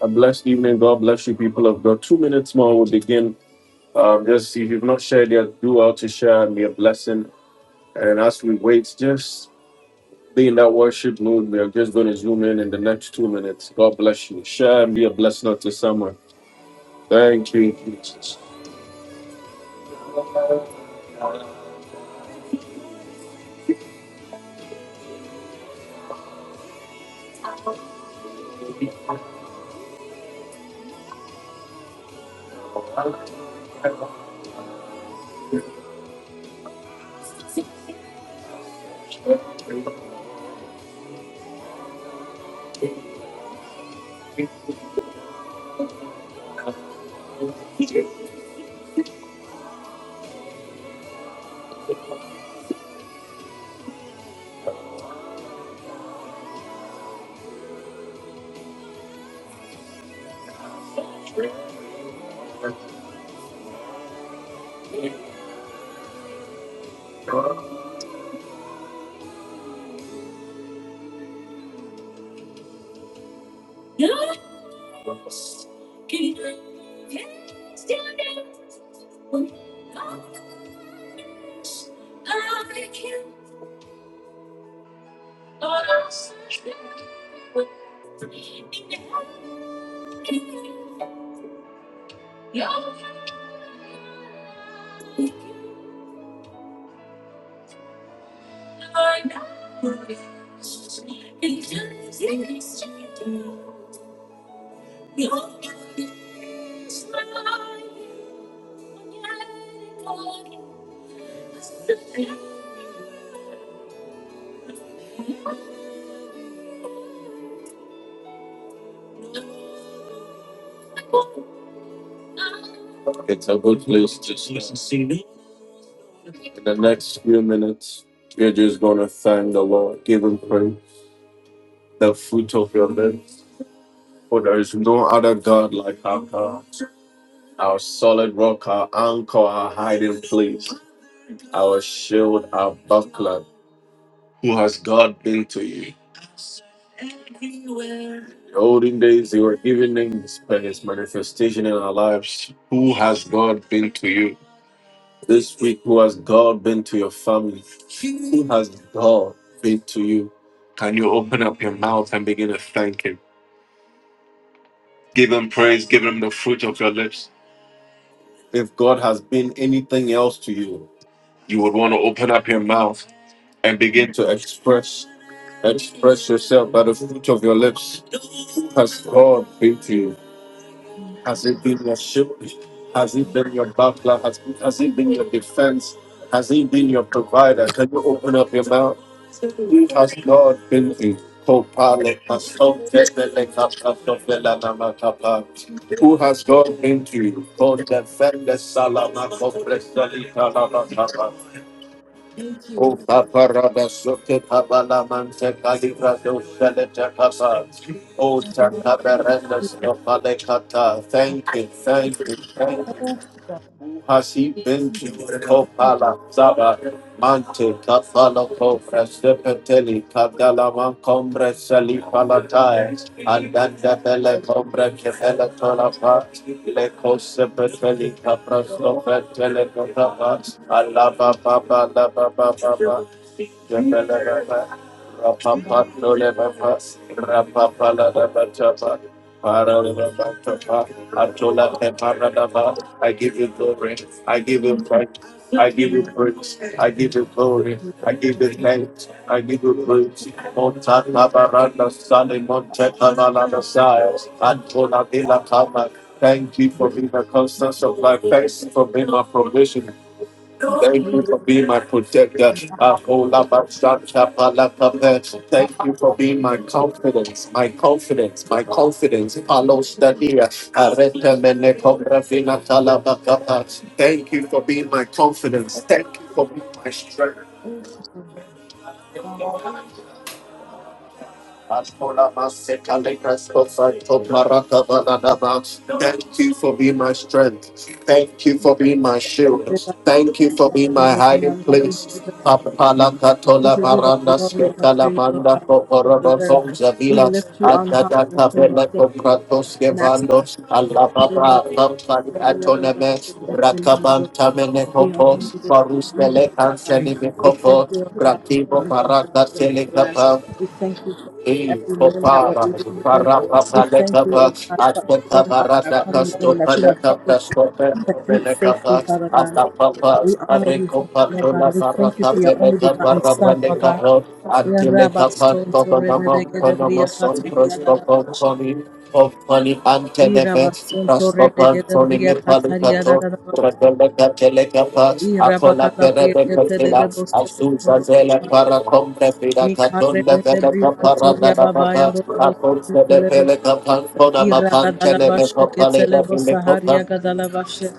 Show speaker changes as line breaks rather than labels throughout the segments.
A blessed evening. God bless you, people of God. Two minutes more, we'll begin. Um, just if you've not shared yet, do out to share and be a blessing. And as we wait, just be in that worship mood. We are just going to zoom in in the next two minutes. God bless you. Share and be a blessing to someone. Thank you, Jesus. It's a good place to start. In the next few minutes, we're just going to thank the Lord, give Him praise, the fruit of your lips. For there is no other God like our God. our solid rock, our anchor, our hiding place, our shield, our buckler. Who has God been to you? The olden days, they were giving names by His manifestation in our lives. Who has God been to you? This week, who has God been to your family? Who has God been to you? Can you open up your mouth and begin to thank Him? Give Him praise, give Him the fruit of your lips. If God has been anything else to you, you would want to open up your mouth and begin
Thank
to express express yourself by the fruit of your lips. Has God been to you?
you, to
Has it
God.
been your shield? Has it
I
been your buckler? Has, has it been your defense? Has it been your provider? Can you open up your mouth? Who has God been to you?
Thank
Kopale
you.
kasom tebele katafela namakapa. Who has God been to you? For the fender salama kopresali
thank
O
you.
Paparada Sote Pabalamante Calibrado Sheleta Papa, O
Lord. We
Takaberendas of Alekata,
have
thank you, thank
to
you, thank you.
thank
Hasi benti
God
kopala saba mante kapala kopra sepeteli kadala man kombre sali palatai andanda bele
that
kombre kepela tolapa le kose peteli kapra sopra tele kotapa alaba baba laba baba baba jebele baba rapapa tole baba rapapa la baba chapa para baba chapa atola pepara I give you glory. I
you
give you
are
praise. I give you
here.
praise. I give you glory.
We
I give you thanks. I give you praise. Monta Tabaranda Sani Monte Tabaranda Sias. Antona
are
Villa Kama. Thank you for being the constant of life. Thank you for being my provision. Thank you
dedicated
for being my protector.
to
Akolabashakapalakapa. Thank you for being my confidence, my confidence, my confidence. Palostadia. Aretemenekobrafinatala bakapa. Thank you for being my confidence. Thank you for being my strength.
thank God. But,
Thank you for being my strength. Thank you for being my
And
shield. Thank you for being
We
my
love you, Lord, we
hiding
love you, we give
place.
you the honor.
Apala
We
katola
give you the
baranda
glory and the
sketala
praise, Lord
manda
God, that you
kokorobo
deserve.
som
We
zavila
lift you on high,
adada
O King of
kabela
Kings,
kompratos
Master
kevando alaba
we
ba
honor
kampani atoneme rakaban tamene kopos
you this
barus
evening,
pele
O God.
kanseli
We
mikopo
thank you, O God, for
rakibo
everything that
baraka
you do in
sele
our lives.
kapa
We thank you for
Il
every meal that we're
Popaba,
able to eat.
parapa
We thank you, O
Palecaba,
God, for our
Aspetta
going out and
Barata
our coming
Casto
in, that you have
Paleca,
kept us in
Pescope,
complete safety,
Penecaba,
Father God.
asta
We honor you, for, that, Lord God. We thank you for your only begotten Son, Lord God. Ya Rabba Son, Torre, Bebe, Gedebriya, Kataria, Dadabasha.
Antele,
Irabason Torrebege
Rascopan,
de
Tony,
Bria Cataria da da
Nepalicato,
da
Akola
Basta. Irabaga da Bria Cate de de Bosto Cotorobosha. Mikarebe de Bria Cotoria Baba and Robosto Celebo. Iraga da la Bashe Cetelebo Saharia Gadala Bashe.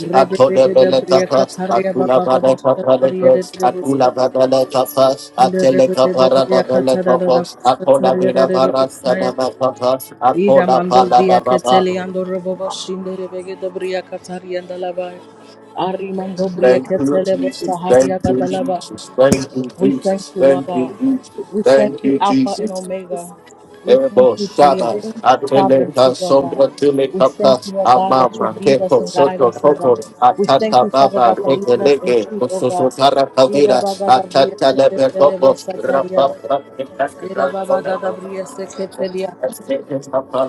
Rebege de Bria Cataria Baba Basha Taria de de Bosto. And the Rebege de Bria Catara da Basha Taria de de Bostaya. Ida mando bria keteli ando robo boshinde rebege de bria katari andalaba. Ari mando bria
Thank you,
ketele bo
Jesus.
sahari
Thank you,
agadalaba.
Jesus. Thank you,
We
Jesus.
thank you, Lord
Thank
God.
you, Jesus.
We thank
Thank
you,
you,
Alpha
Jesus.
and Omega. We
Ebo
thank you for your
Shaba, Ateleka
sovereignty, Lord God.
Sombra
We
Tileka
thank
Pas,
you, Lord God, that you
Amama
lead us
Keko
and guide
Soto
us, Lord
Koko,
God. We thank
Atata
you, Father
Baba,
God, for leading us in
Tekelege,
truth, oh God.
Susutara
Ira
Kavira,
baga da bria
Atata Lebe
seketele bo
Koko, Rapa
sataria. Ira baga da seketelia.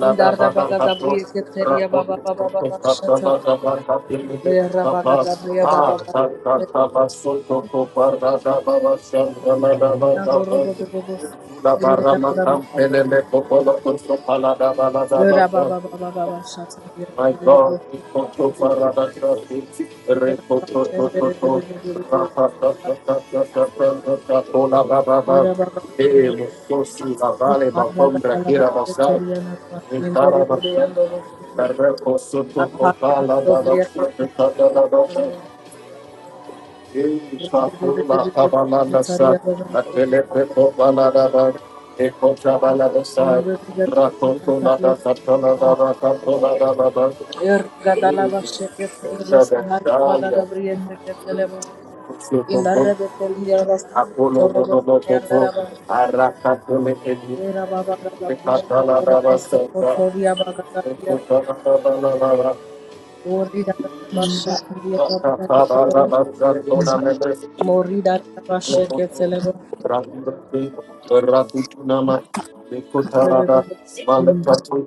Indarabagadabriya Keteria Baba Baba Baba Shata. Verabagadabriya Baba Baba Shata.
Rapa
Lorobo Bobo
La
Keteria
barra
Baba
matam pelele popolo kosto palada balada
Vera
basha.
Baba Baba Baba Shata.
My God, we koto parada shati. Re koto to to to. Raha ta ta ta ta ta ta ta ta to la ba ba ba.
Vera Baba
E
Baba
mo so su la vale ma pombra
Ukaragadabraba
kira basa.
Keteria Naba.
E tara
Inderebeya
basa.
Lorobo.
Re to
Akare
kopala da da
Dobriya
shati
Keteria
ta da
Baba
da da.
Baba.
Thank you.
Shataria Baba Baba Rekhandere be saharia Gadala
but, but,
Rakute,
but,
Rakutunama, Nikotarada,
but,
Malakatu,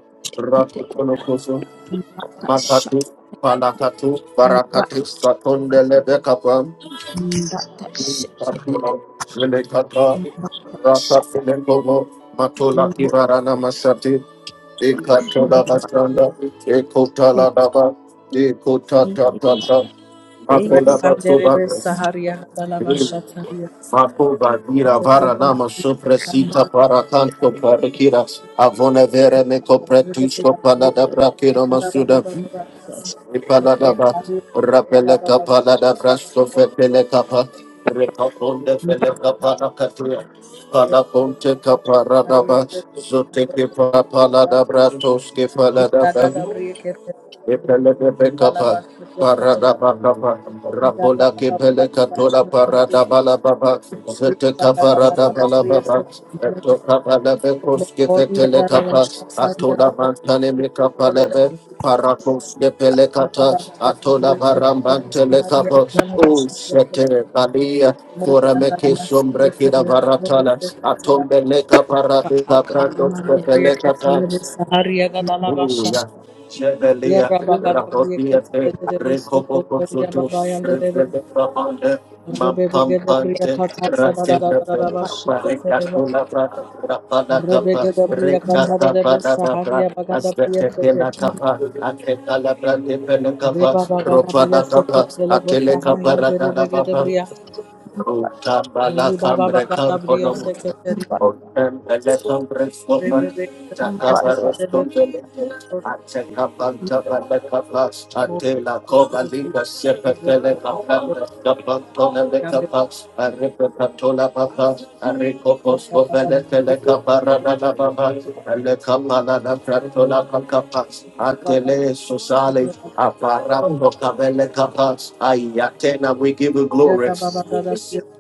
get it.
Rakutunokoso,
But that
Makatu,
shut.
Palakatu,
But,
Barakatu, Satondele Bekapam,
but that shut. Get
Katuna,
it.
Jelekata,
But that shut.
Ratafilengomo, Matola
But,
Kivarana Masati, Ekatola
but,
Bastanda,
thank
Ekotala Daba, Ekotata
you.
Tata,
Thank
Makola
you.
Rekandere be
Batsobagras,
saharia gadala basha taria.
Makuba dira vara nama
But,
supresita para canto para kiras avone vere me
Thank you.
shut
copretusco palada
it.
braquero masuda
But,
e
shut
palada ba rapele capalada brasto fetele capa recaponde
it.
fele capara catua pala ponte capara daba zote que palada bratos que palada ba Epelebekapa, paradabakapa, rapola kepelekatola paradabalababa, zetekaparadabalababa, etokabalebekoskepetelekapa, atola mantanemekapalebe, parakoskepelekata, atola barambantelekapa, o sete balia, Forameke
but
sombre kida varatala, atombeleka
but
parade, brandos
Akarimando
pepelekata,
Briaketelebo Saharia Gadalabasha,
Hallelujah. Chevelia, Rapotiate,
Rabagadabriaketelebo Sokotoria
Recopocosotos,
Babayan de Rebe,
Revelapande,
Rebegabria
Mampampante,
Kataria
Ratepe,
but
Dadadabashi Ketelebo,
Paricatula, Rapana Capa,
Rebegabria
Recata
Katarebo Saharia
Panada,
Bagadabria Seke,
Astepela Capa, Atecala Brande Penacapa,
Reba Bagadabria
Ropana Capa,
Seketelebo
Ateleca
Sahayan de
Paratana Papa,
Rebegabria,
Utambala
Reba
kambre
Bagadabria
kampolomus.
Seketeri,
Utambala kambre sopa.
Rebegabria
but
Takabaros
Ketelebo.
kumbele. Atekapanta balakapa.
Rababa
Atela kova linda sepetele kapanda. Kapantona lekapa. Arepekatola papa. Arikopos kovele tele kaparada la baba. pratola pakapa. Atele susale. Aparambo kavele kapa. Ayatena we give you glory.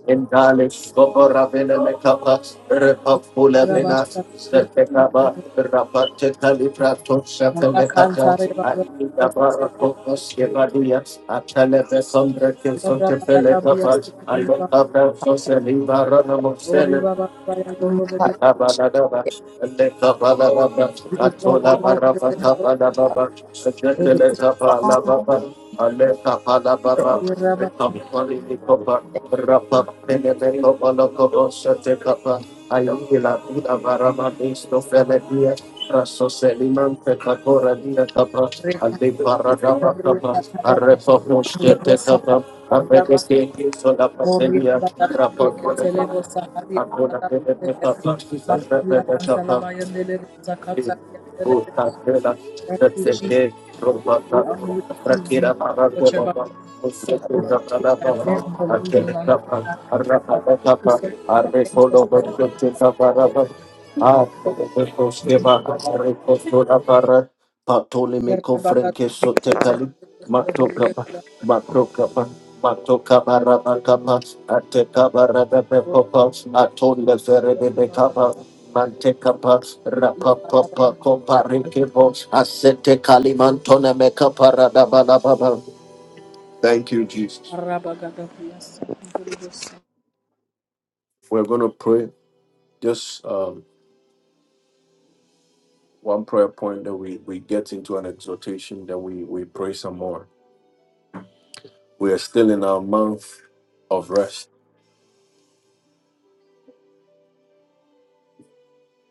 Indalish Gobora Vena Mekapa, Repapula Vena, Setekaba, Rapate Caliprato, Shapelecata, Alidabara Cocos, Yevadia, Atalebe Sombra Kilson Tepelecapa, Alocabra Soseliva Ronomosene,
but
Thank
you deserve all the praise, all the praise.
Moria Badaria
you.
Ketelebo Saharia
I could have been
Badaria Masuria
a better
Kansalabaya Delebo Sakataria Delebo. Thank you, Jesus. We honor you this evening for what you're about to do. We thank you in advance for moving on our behalf. We thank you in advance for standing with us. Moria
Patolemeko
Badaria
Franke Sotekali,
Ketelebo Saharia
Matokapa, Matokapa, Matokapa Rabakapa, Atekabarada
Moria
Bekopa, Atone
Badaria
Ferede
Badaria.
Mantekapa,
Ikara
rapapapa, koparikebo, asete kalimantone mekaparadabadababa. Thank you, Jesus. We're going to pray just um, one prayer point that we, we get into an exhortation that we, we pray some more. We are still in our month of rest.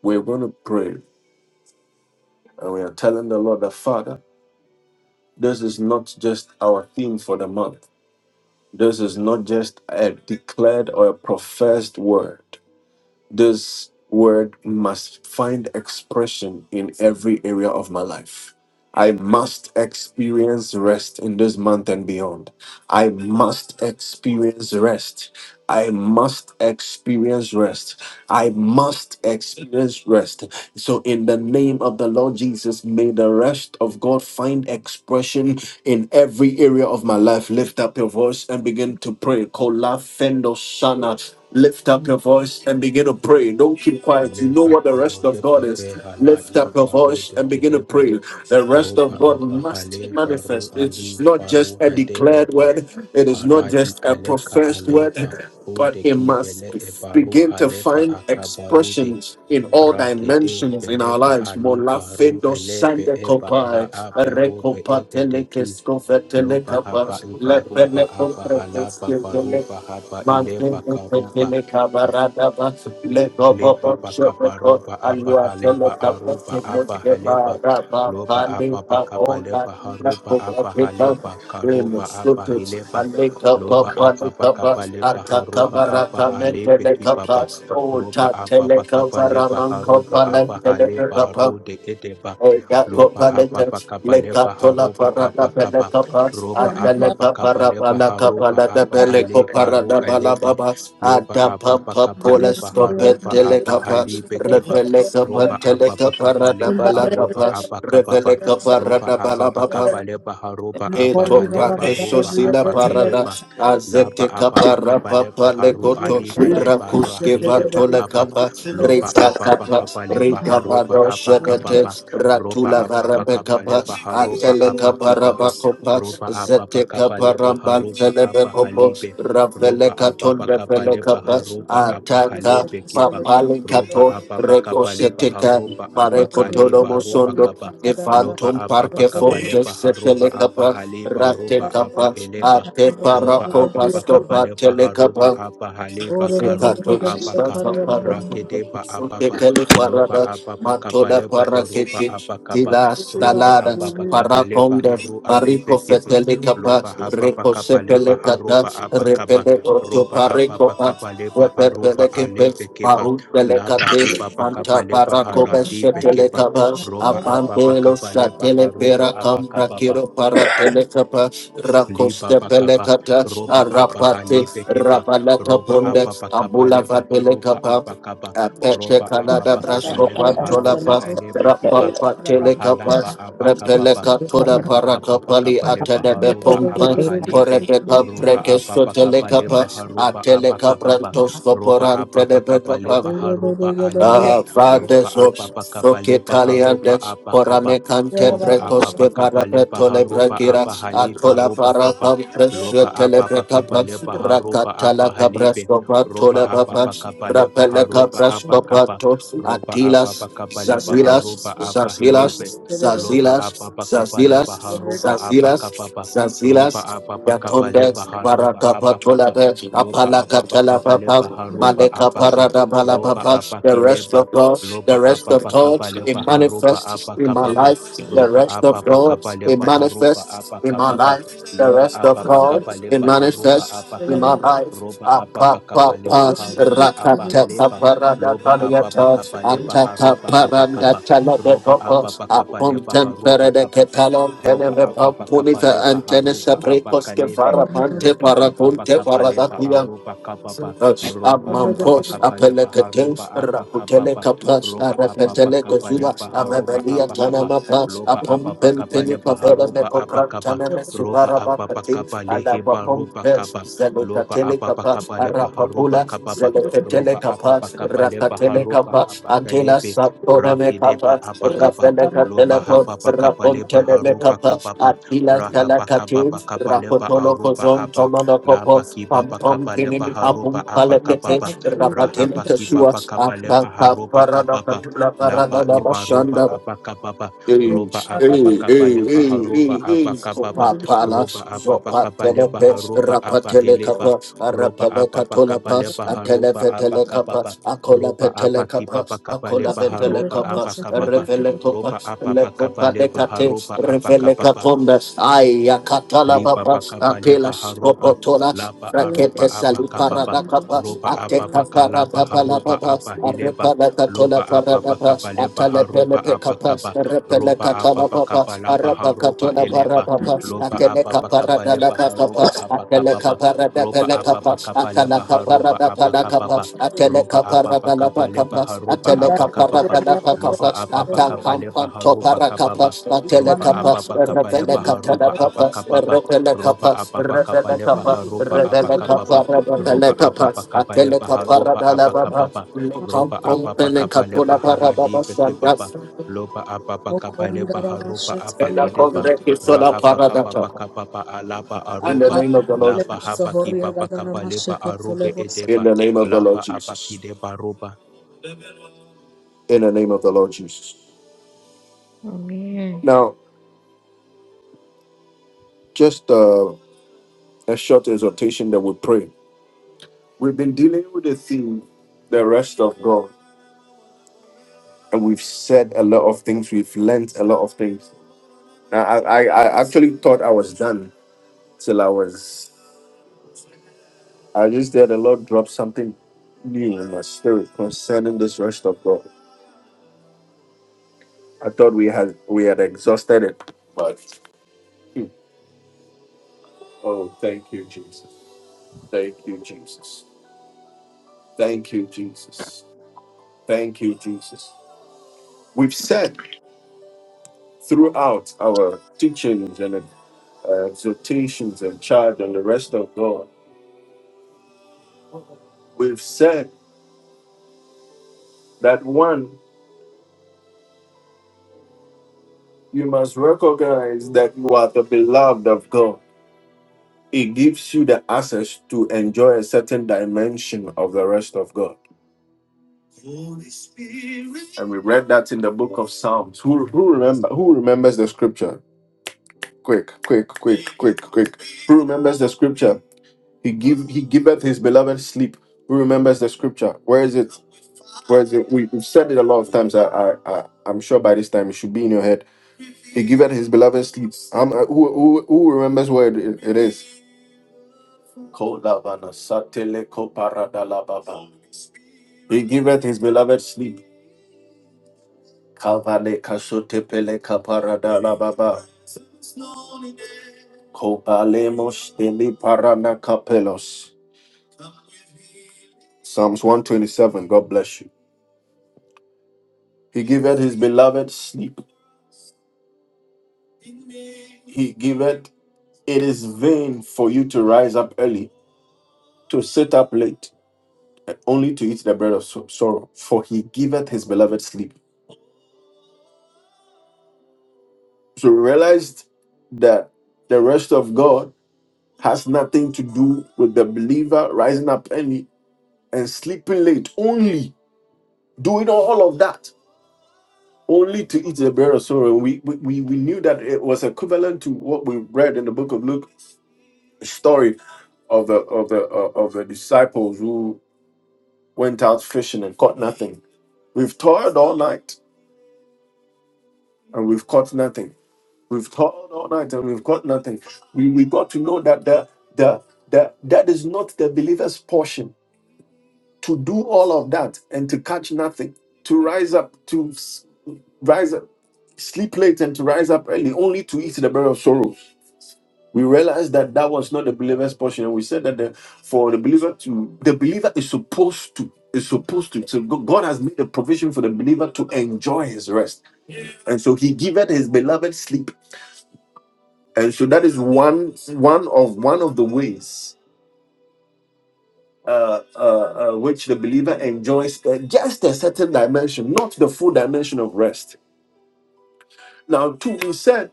We're going to pray and we are telling the Lord that, Father, this is not just our theme for the month. This is not just a declared or a professed word. This word must find expression in every area of my life. I must experience rest in this month and beyond. I must experience rest. I must experience rest. I must experience rest. So, in the name of the Lord Jesus, may the rest of God find expression in every area of my life. Lift up your voice and begin to pray. Kola fendo sana Lift up your voice and begin to pray. Don't keep quiet. You know
Eleba
what the rest of
rode
God is.
ebe
Lift
halai
up your voice
barode
and begin to
kideba
pray. The rest
roba
of God
aba hale
must
baru
manifest.
ali
It's not
baru
just a declared
gadeleba
word, it is not
aradi
just a
kaleka
professed
aleba
word, but
rode
it must
kibele ebaru
begin to
haleba
find
akabarude
expressions in all
rakide
dimensions in our
beleba
lives.
ali baru
Molafendo
elebe
sande
eba la
kopai,
aba robe
rekopa
ededeki
telekes kovetele
loba haba
kapas,
ibaruba
lepele
aba halaba
komprekoske
baruba haba ileba
Mantele
karuba
tekele kabarada ba le gobo
leba
bo shobe
bakaba
ko
roba aba
alua tele
haleba
tapa
aruba
kele
aba haleba
kebara ba
loba
pali
aba
ba
bakaba
ola
leba
ina
haruba
kobra
aba
peka
haleba
ele
karuba aba
sutus
hileba
ale kapa
loba aba
pali kapa
bakaba leba
arka
haruba
kabara
aba
kame
alebe
tele
kibaba
kapa
roba
ota
aba
tele
bakaba
kabara
leba
Man
haruba
kapa le
aba haleba
Thank you.
rude edeba
Eka
loba
kopa
aba
leka
bakaba
leka
leba
tola
haruba
parada
aba
pele
kaba
kapa
roba
Thank
atele
aba
kapa
bakaba leba
rabala kapa
haruba
la da
aba
pele kopa
haleba ru
rada bala
eleba
baba
Loba
ada
apa
papa
pakapa
poles
leba
kope
haroba
tele
apa
kapa
halibe keba.
repele kapa
Roba
tele
apa
kapa
pakapa
rada
leba
bala
aroba
kapa
apa
repele
kababa.
kapa
Roba
rada
apa
bala baba
pakapa leba haroba apa
Eto pake
haleba roba
sosila
apa
parada
kedeba.
azete
Laba apa
kapara
pakapa leba
papa
haru
lekoto
alibe eba
rakuske
rahile
vatole
bakaba.
kapa
Loba
rita
apa
kapa
pakapa leba
rita
haroba
vado
apa
shadete
kababa. Roba
ratula
apa
varabe
pakapa
kapa
leba haroba
atele
apa
kapara
kibaba.
bakopa
Roba apa
zete
pakapa
kapara
leba haroba
bantele
apa
bekopo
halibe
ravele
roba
katon
apapa
revele
kapale
kapa
paha roba apaha
ataka
lebe keba
papale
roba
you.
kato
apapa kapale paha
Recoseteca,
roba
Thank
apaka leba
Marecotodomo
roba
Sondo,
kaba loba
Evantum
apapa
Parque
kapale
Forte,
paha roba
Setelecapa,
apaha leba roba apa
Ratecapa,
eleba
Ate
roba apapa
Paracopascopa,
kapale paha roba
Telecapa,
apaha leba karoba
Ekatozi,
apaka
Bata Pada,
rakedeba apapa
Tekele
loba
Parada,
apapa
Matola
kapale paha roba
Paraketi,
apakaba
Tila
roba
Stalada,
apapa kapale
Paraconde,
paha ro
Parico
alebe keba
Fetele Capa,
loba hapa
Reco
pakapa
Sepele
lepa
Cata,
haroba apa
Repele Otto
roba
Parico,
ababa kabaleba
Repele
haroba
Kepe,
alebe keba
Paru
laba
Telecate,
kibaba
Manta
kabaleba
Paraco
haradi
Besetele
bekeba
Capa,
roba ababa
Apandelo
kabaleba
Satele Pera
haroba
Rakiro Paratelekapa,
liba
Rakoste
bakaba
Pelekata,
roba abaha
Arapate,
libekeba
Rabalata
roba
Ponde,
aba
Abula
lebaha roba
Vatelekapa,
abakaba
Apete
roba
Yes, yes,
Canada
ababakaba
Brasco
lebaha roba
Pantolapa,
yes, yes,
elebekeba
yes,
Rapapa Telekapa,
rahalaba abakababa
yes,
Repeleka
yes, yes, yes, yes, yes,
Toda
roba
Paracapali
ababakaba
yes,
lebaha
Atene
roba
Pompa,
yes,
abaha libe
Porepeca
roba
Brekesto
aba
yes, yes.
Telekapa,
lebaha roba
Ateleka
abakababa
Brantos
roba
Coporan
ababakaba
Telebekapa.
lebaha roba alibe
Ah,
roba
vades ops,
ababakaba lebaha
focitaliandes,
aba kaba
poramecante
ropa
pretos que
apapa kapa lepa
parapeto le
haropa
bragira,
apa halepa
atola
ropa
para
kapa
compresio
lopa apapa kapa
telebrecapas,
lepa haropa
racatala
apa halepe
cabrasco
ropa
patole
apapa
papas,
kapa lepa
rapele
haropa apa
cabrasco
kapa
patos,
ropa
atilas,
apapa kapa lepa
zazilas,
haropa apa helepe
zazilas,
you.
lopa
zazilas,
apapa kapa lepa
Thank you.
zazilas,
haropa apa
zazilas,
kapa pa ropa
zazilas,
apapa kapa lepa
Yatondes,
haropa apa kapa
Baracapatolabes,
lopa apapa
Apalacatala
kapa lepa
Papas,
haropa
Maleka
apa ka
parada
ropa
balababa.
apa
The rest
kileba
of God, the
lopa
rest of
apapa
God,
kapa lepa
it
haropa
manifests
apa
in my
kapa pa
life. The
roba
rest
apa
of
pa
God,
kapa
it
leba haruba
manifests
apa
in my
kapa pa
life. The
loba
rest of
apa pa
God,
kapa
it
leba haruba
manifests
apa
in my
kapa
life.
roba apa
Apa
pa
pa
kapa
pa,
leba haruba apa
rakata
haleba
parada
loba apa pa
baliyata,
kapa leba
antaka
haruba apa
paranda
kapa
talade
roba
kopo,
apa pa kapa leba
apuntem
haruba
perede
kapa pa
ketalon
roba
teleme
apa pa kapa
pampunita
leba
antene
haruba apa
sabrikos
kalebe
kefara mante
loba apa pa
parakunte
kapa leba
parada
haruba kapa pa
us
roba apa pa
Amampo,
kapa leba
Apelekate,
haruba apa kapa
Rakutele
pa
Capas,
roba apa pa
Arapetele
kapa
Cozula,
leba haruba
Amabelia
apa kapa
Tanamapas,
Loba
Apom
ababakaba
Pempeni
lebaha
Capella
roba
Mecopra
abakaba
Taname
roba
Subaraba Catin,
ababakaba leheba
Alapapom
roba
Pes,
kaba loba
Zelocatele Capas,
ababakaba lebaha roba
Arapapula,
kababa
Zelocatele
roba
Capas,
ababakaba lebaha
Rakatele
roba
Telekapa, Antila
abakalebe
Sapona
raki deba
Mekapa,
abakaba
Rafela
loba
Catelapo,
hababakaba
Rapon
lebaha roba
Telemekapa,
kababa
Atila Telekatu,
rahabakababakaba leba
Rapotolo
aroba
Kozom,
aba
Tomonocopo, Pom Pom
labakibabakaba
Pinim
lebaha
Apum
roba
Palemete,
abakababa
Rapatel Tesua,
rahabakibabakaba lebaha
Ataka
roba
Parada
kababa
Catula Parada
laba ibaroba
Bashanda,
abakababa
Hey, hey,
roba ababa
hey,
kabaleba
hey,
haroba
hey, hey.
abakababa
Opa pala,
roba ababa
zopa
kabaleba
telepe,
haroba
rapa
abahileba
telekapa,
roba
arapele
ababa
katolapa,
kabaleba
atele
haroba
vetele kapa,
abakababa
akola
roba
petele
abaki
kapa,
baba
akola
kabaleba
vetele
haroba
kapa,
abakababa
revele kopa,
roba
le
ababa
kopa de
kabaleba
kate,
haroba
revele
abakababa
katonda, aya katala
liba
papa,
bakaba
apela
leba haroba
skopotola,
laba
Rakete
aroba aba
sali
kababa
parada kapa,
roba aba
ateka
bakalaba
parada pala
haroba
papa,
aba hileba
arepala katola
loba aba
parada pa,
bakaba leba
atale pele
haroba
pe
aba
kapa,
kaba
repele
roba aba
katala papa,
bakaba laba
arapa
haroba
katola para
eleba
papa,
loba
atele
aba bakaba
kaparada la
leba
kapa,
haroba aba
atele
kababa
kaparada
roba
pele
aba
kapa,
bakaba
atala
leba haroba
kaparada
aba
pala kapa,
kababa roba
atele
aba
paragala
bakaba leba
pakapas,
haroba
atele
aba kababa
kaparagala
loba
pakapas,
aba
ata
bakaba leba
kampanto
haroba kababa
parakapas, atele
roba aba
kapas,
bakaba
revele
leba
katala
haroba aba
papas,
kababa
revele
ropa
kapas,
apa pa kapa
revele
lepa
kapas,
ha ropa apa
revele
kapa pa
kapara
ropa apa
kapas,
pa kapa
atele
lepa ha ropa
kaparagala
apa kapa
papas,
pa ropa
lukampon
apa pa
pele
kapa lepa
katula
ha radi
parababas,
beki papa
sandas,
lopa apa pa kapa lepa ha ropa apa
Ela
kidepa
kongreki sola
raha pa kapa
paradata.
pa kapa pa alapa arupa
Thank
lapa hapa kipa pa kapa lepa arupe
In
edepa
the name of the
lapa apa kidepa ropa
in the Lord Jesus.
Amen.
Now, just uh, a short exhortation that we pray. We've been dealing with the theme, the rest of God, and we've said a lot of things. We've learnt a lot of things. I, I, I actually thought I was done till I was. I just did the Lord drop something new in my spirit concerning this rest of God. I thought we had we had exhausted it, but hmm. oh, thank you, Jesus. Thank you, Jesus. Thank you, Jesus. Thank you, Jesus. We've said throughout our teachings and uh, exhortations and charge and the rest of God. We've said that one, you must recognize that you are the beloved of God. It gives you the access to enjoy a certain dimension of the rest of God. And we read that in the book of Psalms. Who, who remember who remembers the scripture? Quick, quick, quick, quick, quick. Who remembers the scripture? He give he giveth his beloved sleep. Who remembers the scripture? Where is it? Where is it? We, we've said it a lot of times. I, I, I I'm sure by this time it should be in your head He giveth his beloved sleep. Um, uh, who, who, who remembers where it it is? Kodavana satele koparadala He giveth his beloved sleep. Kavale kasotepele kaparadala Kopalemos deli parana kapelos. Psalms 127. God bless you. He giveth his beloved sleep. He giveth it is vain for you to rise up early, to sit up late, and only to eat the bread of sor- sorrow. For he giveth his beloved sleep. So we realized that the rest of God has nothing to do with the believer rising up early and sleeping late, only doing all of that, only to eat the bread of sorrow. We, we, we we knew that it was equivalent to what we read in the book of Luke, a story of the, of, the, uh, of the disciples who went out fishing and caught nothing. We've toiled all night and we've caught nothing We've toiled all night and we've got nothing. We, we got to know that the, the, the, that is not the believer's portion to do all of that and to catch nothing, to rise up, to s- rise up, sleep late and to rise up early, only to eat the bread of sorrows. We realized that that was not the believer's portion, and we said that the, for the believer to the believer is supposed to is supposed to. So Go- God has made a provision for the believer to enjoy His rest, and so He giveth His beloved sleep and so that is one one of one of the ways uh, uh, uh, which the believer enjoys uh, just a certain dimension, not the full dimension of rest. Now, two you said,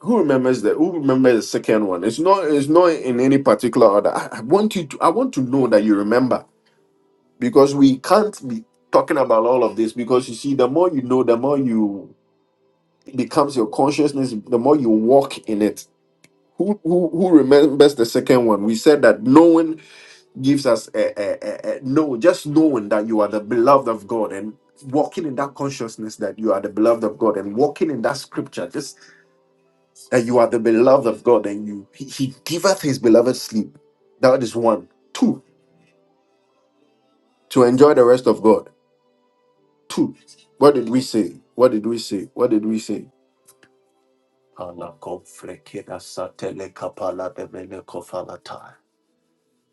who remembers that? Who remembers the second one? It's not. It's not in any particular order. I, I want you. To, I want to know that you remember because we can't be talking about all of this because you see, the more you know, the more you it becomes your consciousness. The more you walk in it. Who who, who remembers the second one? We said that knowing gives us a, a, a, a no, just knowing that you are the beloved of God and walking in that consciousness that you are the beloved of God and walking in that scripture, just that you are the beloved of God and you he, he giveth his beloved sleep. That is one. Two, to enjoy the rest of God. Two, what did we say? What did we say? What did we say? Ala konfrekeda satele kapala de mene kofalata.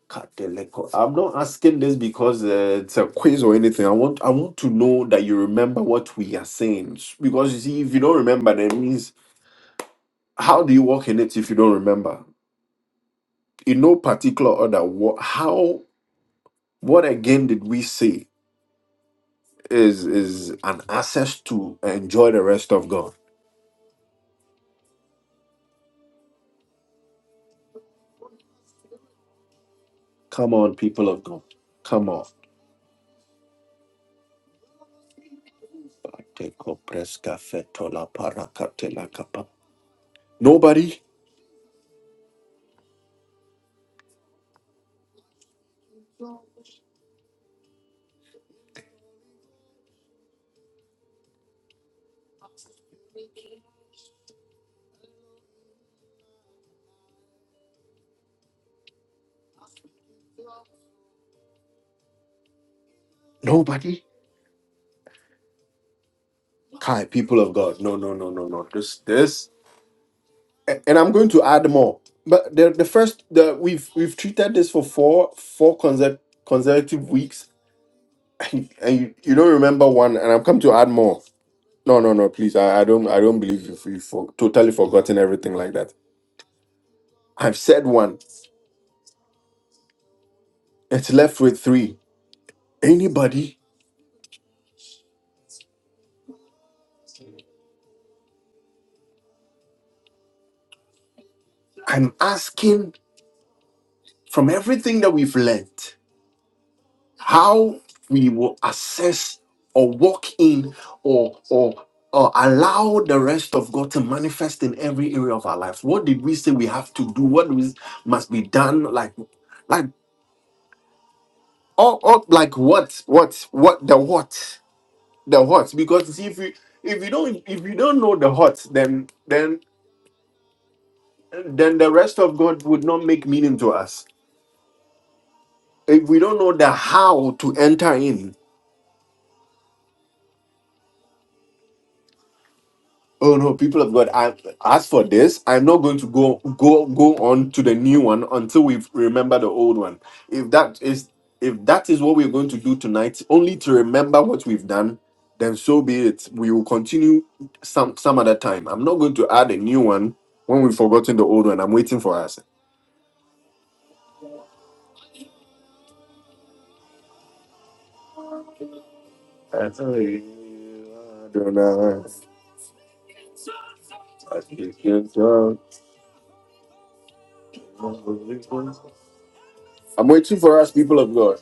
Kadeleko. I'm not asking this because uh, it's a quiz or anything. I want I want to know that you remember what we are saying. Because you see, if you don't remember, that means how do you work in it if you don't remember? In no particular order, what how what again did we say is is an access to enjoy the rest of God? Come on, people of God. Come on. Nobody? Nobody? Hi, people of God. No, no, no, no, no. This, this, a- and I'm going to add more. But the the first, the we've we've treated this for four four consec- consecutive weeks, and, and you, you don't remember one. And I'm come to add more. No, no, no. Please, I, I don't I don't believe you you've for, totally forgotten everything like that. I've said one. It's left with three. Anybody? I'm asking from everything that we've learned. how we will assess or walk in or or or allow the rest of God to manifest in every area of our life. What did we say we have to do? What we must be done? Like like all, all like what what what the what the what? Because if you if you don't if you don't know the what, then then then the rest of God would not make meaning to us. If we don't know the how to enter in, oh no, people of God, I, as for this, I'm not going to go go go on to the new one until we remember the old one. If that is if that is what we're going to do tonight, only to remember what we've done, then so be it. We will continue some some other time. I'm not going to add a new one when we've forgotten the old one. I'm waiting for us. I'm waiting for us, people of God.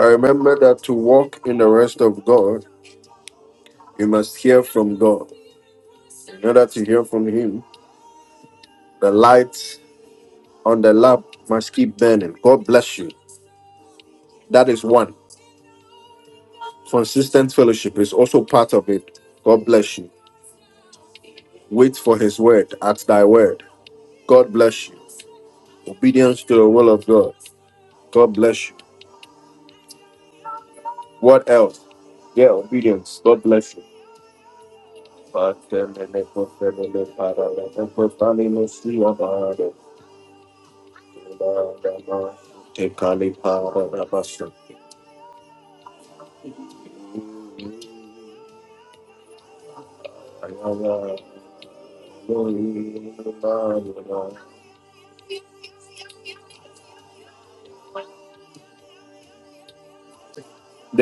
I remember that to walk in the rest of God, you must hear from God. In order to hear from Him, the light on the lamp must keep burning. God bless you. That is one. Consistent fellowship is also part of it. God bless you. Wait for His word at thy word. God bless you. Obedience to the will of God. God bless you. What else? Yeah, obedience. God bless you. The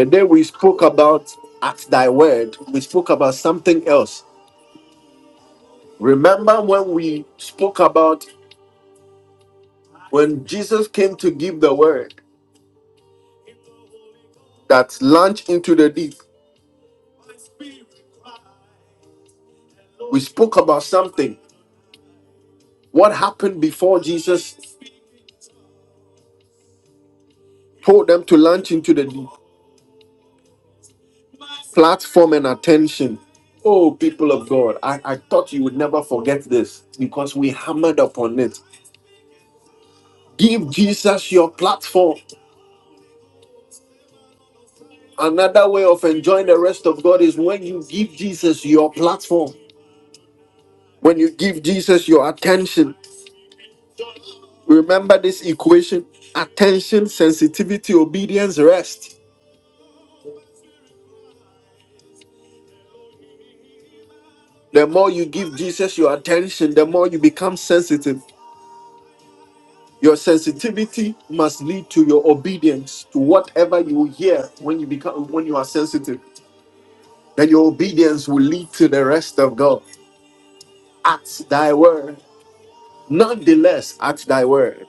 day we spoke about at thy word, we spoke about something else. Remember when we spoke about when Jesus came to give the word that launched into the deep? We spoke about something. What happened before Jesus told them to launch into the deep? platform and attention. Oh, people of God, I, I thought you would never forget this because we hammered upon it. Give Jesus your platform. Another way of enjoying the rest of God is when you give Jesus your platform, when you give Jesus your attention. Remember this equation attention, sensitivity, obedience, rest. The more you give Jesus your attention, the more you become sensitive. Your sensitivity must lead to your obedience to whatever you hear when you become when you are sensitive. Then your obedience will lead to the rest of God. At thy word. Nonetheless, at thy word.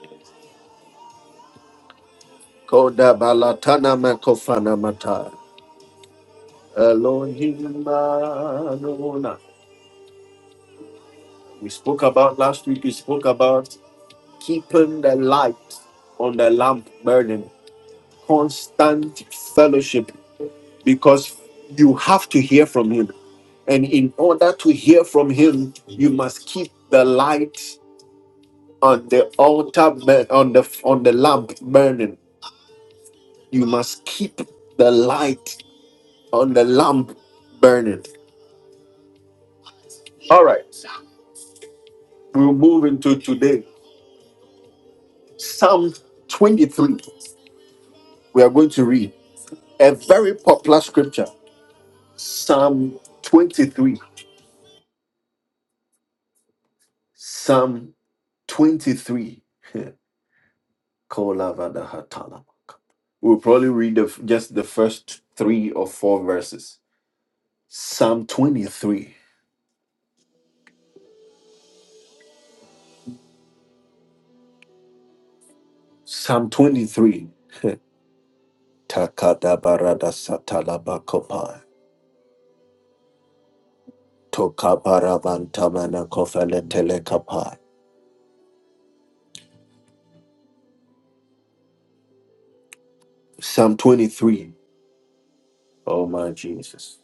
Koda balatana makofana mata. Elohim Adonai. We spoke about last week, we spoke about keeping the light on the lamp burning, constant fellowship because you have to hear from him. And in order to hear from him, you must keep the light on the altar bur- on the on the lamp burning. You must keep the light on the lamp burning. All right. We'll move into today. Psalm 23. We are going to read a very popular scripture. Psalm 23. Psalm 23. Kolavadahatalama. We'll probably read the, just the first three or four verses. Psalm 23. Psalm 23. Takada barada satalaba kopai. Toka barabantamana kofele telekapai. Psalm 23. Oh my Jesus.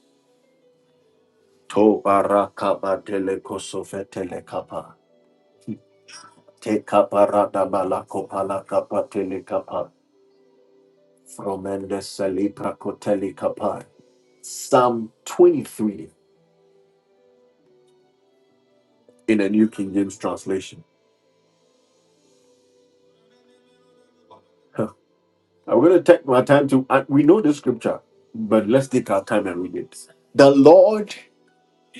To barakaba telekosofe telekapa. Teka barada balakopala kapa telekapa. Fromende selipra koteli Psalm 23 in the New King James translation. Huh. I'm going to take my time to, uh, we know the scripture, but let's take our time and read it. The Lord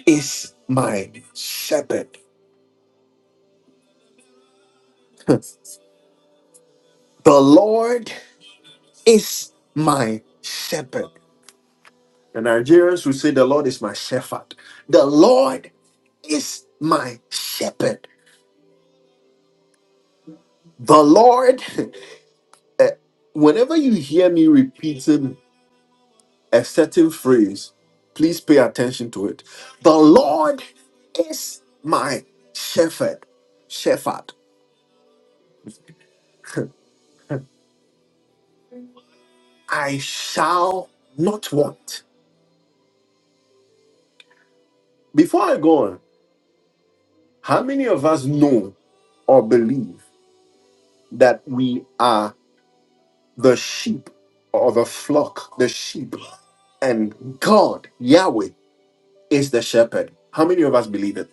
is my shepherd. The Lord is my shepherd. The Nigerians who say, The Lord is my shepherd. The Lord is my shepherd. The Lord. eh, Whenever you hear me repeating a certain phrase. Please pay attention to it. The Lord is my shepherd. Shepherd. I shall not want. Before I go on, how many of us know or believe that we are the sheep or the flock, the sheep, and God, Yahweh, is the shepherd? How many of us believe it?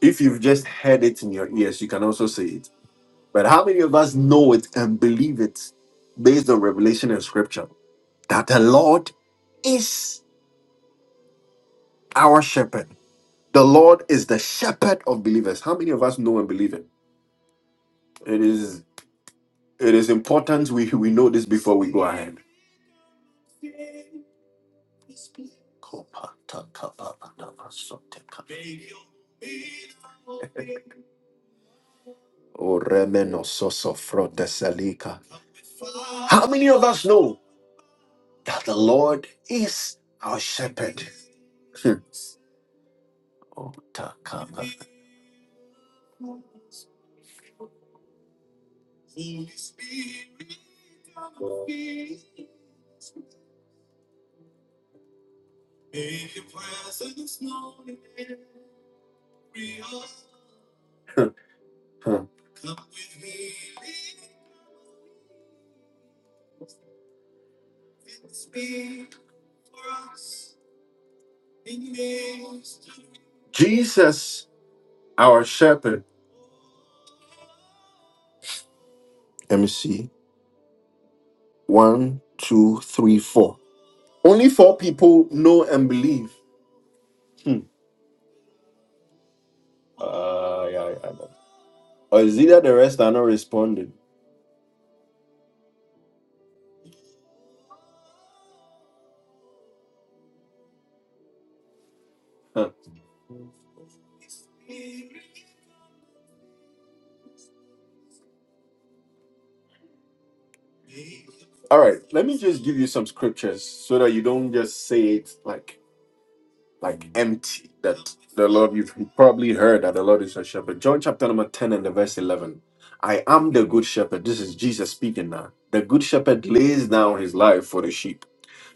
If you've just heard it in your ears, you can also say it. But how many of us know it and believe it based on revelation and scripture that the Lord is our shepherd? The Lord is the shepherd of believers. How many of us know and believe it? It is it is important we, we know this before we go ahead. O remeno soso frote selika. How many of us know that the Lord is our shepherd? Hmm. O taka. Jesus our shepherd. Let me see. One, two, three, four. Only four people know and believe. Hmm. Uh, yeah, yeah, yeah. Or is it that the rest are not responding? Huh. All right, let me just give you some scriptures so that you don't just say it like like empty. That the Lord you've probably heard that the Lord is your shepherd. John chapter number ten and the verse eleven. I am the good shepherd. This is Jesus speaking now. The good shepherd lays down his life for the sheep.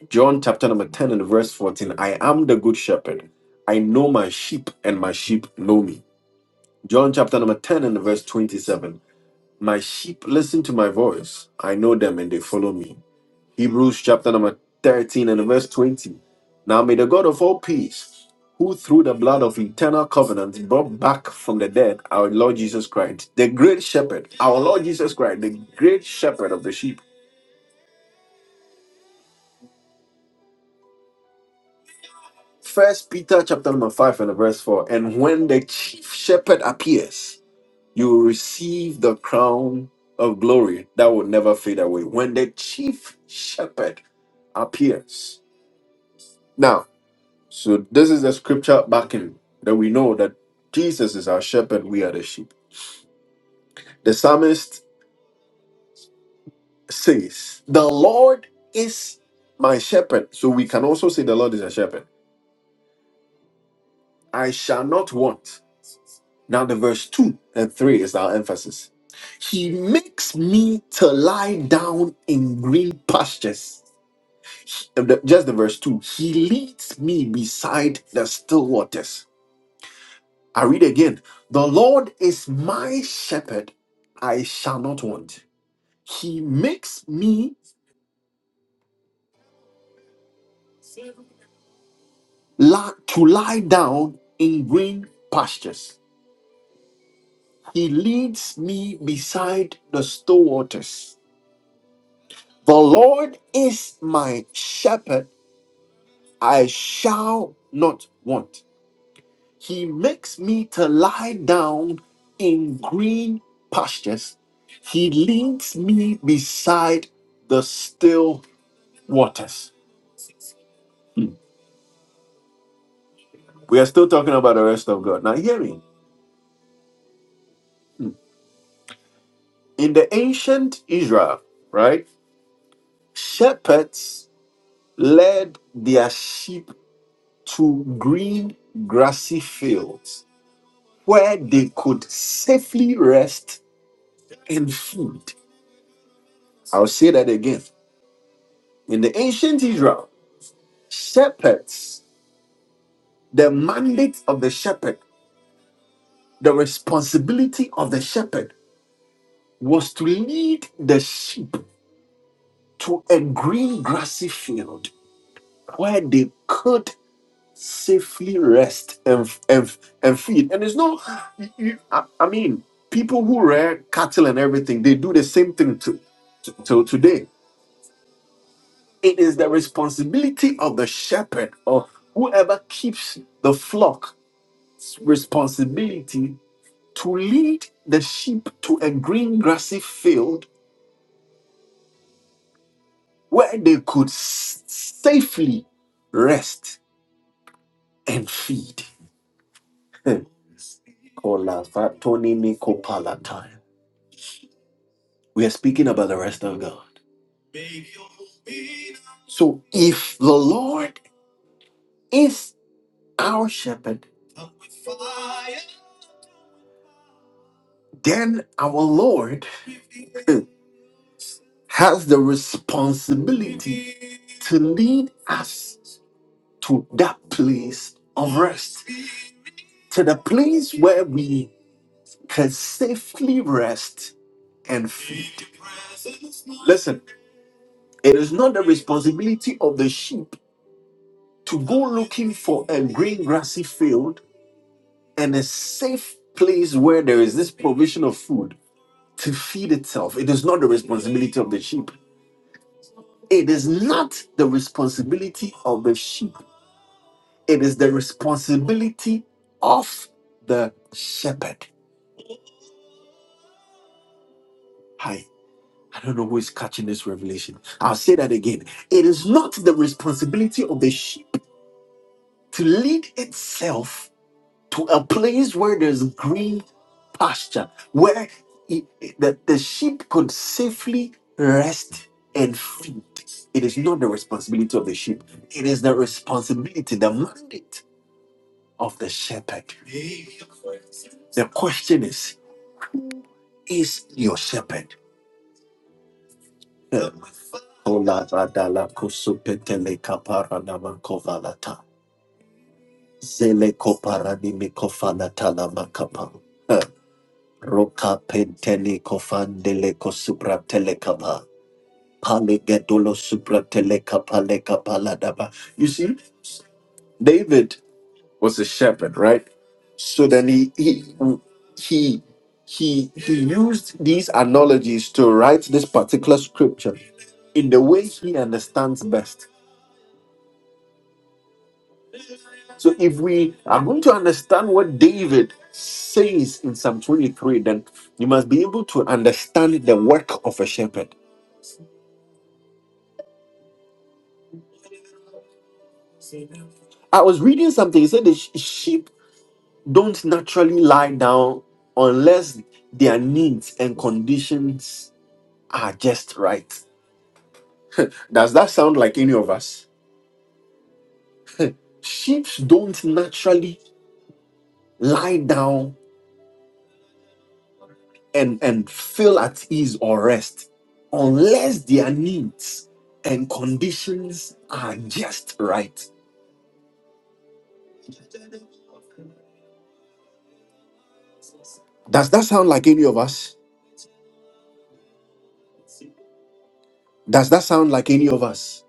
John chapter number 10 and verse 14. I am the good shepherd. I know my sheep, and my sheep know me. John chapter number 10 and verse 27. My sheep listen to my voice. I know them and they follow me. Hebrews chapter number 13 and verse 20. Now may the God of all peace, who through the blood of eternal covenant brought back from the dead our Lord Jesus Christ, the great shepherd, our Lord Jesus Christ, the great shepherd of the sheep First Peter chapter number five and verse four. And when the chief shepherd appears, you will receive the crown of glory that will never fade away. When the chief shepherd appears. Now, so this is the scripture backing that we know that Jesus is our shepherd, we are the sheep. The psalmist says, The Lord is my shepherd. So we can also say the Lord is a shepherd. I shall not want. Now, the verse 2 and 3 is our emphasis. He makes me to lie down in green pastures. He- the- Just the verse 2. He leads me beside the still waters. I read again. The Lord is my shepherd. I shall not want. He makes me li- to lie down in green pastures. He leads me beside the still waters. The Lord is my shepherd. I shall not want. He makes me to lie down in green pastures. He leads me beside the still waters. Hmm. We are still talking about the rest of God. Now, hear me. Hmm. In the ancient Israel, right, shepherds led their sheep to green grassy fields where they could safely rest and feed. I'll say that again In the ancient Israel, shepherds, the mandate of the shepherd, the responsibility of the shepherd was to lead the sheep to a green grassy field where they could safely rest and, and, and feed. And it's not, you- you- I, I mean, people who rear cattle and everything, they do the same thing to, to, till today. It is the responsibility of the shepherd or whoever keeps the flock responsibility to lead the sheep to a green grassy field where they could s- safely rest and feed. Kolafatonimikopalatai. we are speaking about the rest of God. So if the Lord is our shepherd, then our Lord hmm, has the responsibility to lead us to that place of rest, to the place where we can safely rest and feed. Listen, it is not the responsibility of the sheep to go looking for a green grassy field and a safe place where there is this provision of food to feed itself. It is not the responsibility of the sheep. It is not the responsibility of the sheep. It is the responsibility of the shepherd. I don't know who is catching this revelation. I'll say that again. It is not the responsibility of the sheep to lead itself to a place where there's green pasture, where it, that the sheep could safely rest and feed. It is not the responsibility of the sheep. It is the responsibility, the mandate of the shepherd. The question is, is your shepherd? Hmm. Ola radala kusupetele kapara namakovalata. Zeleko parani mikofana talamakapa. Roka pentele kofandele ko supra telekapa. Pale gedolo supra telekapa lekapa ladaba. You see, David was a shepherd, right? So then he he he he, he used these analogies to write this particular scripture in the way he understands best. So if we are going to understand what David says in Psalm 23, then you must be able to understand the work of a shepherd. I was reading something, it said the sh- sheep don't naturally lie down unless their needs and conditions are just right. Does that sound like any of us? Sheep don't naturally lie down and, and feel at ease or rest unless their needs and conditions are just right. Does that sound like any of us? Does that sound like any of us?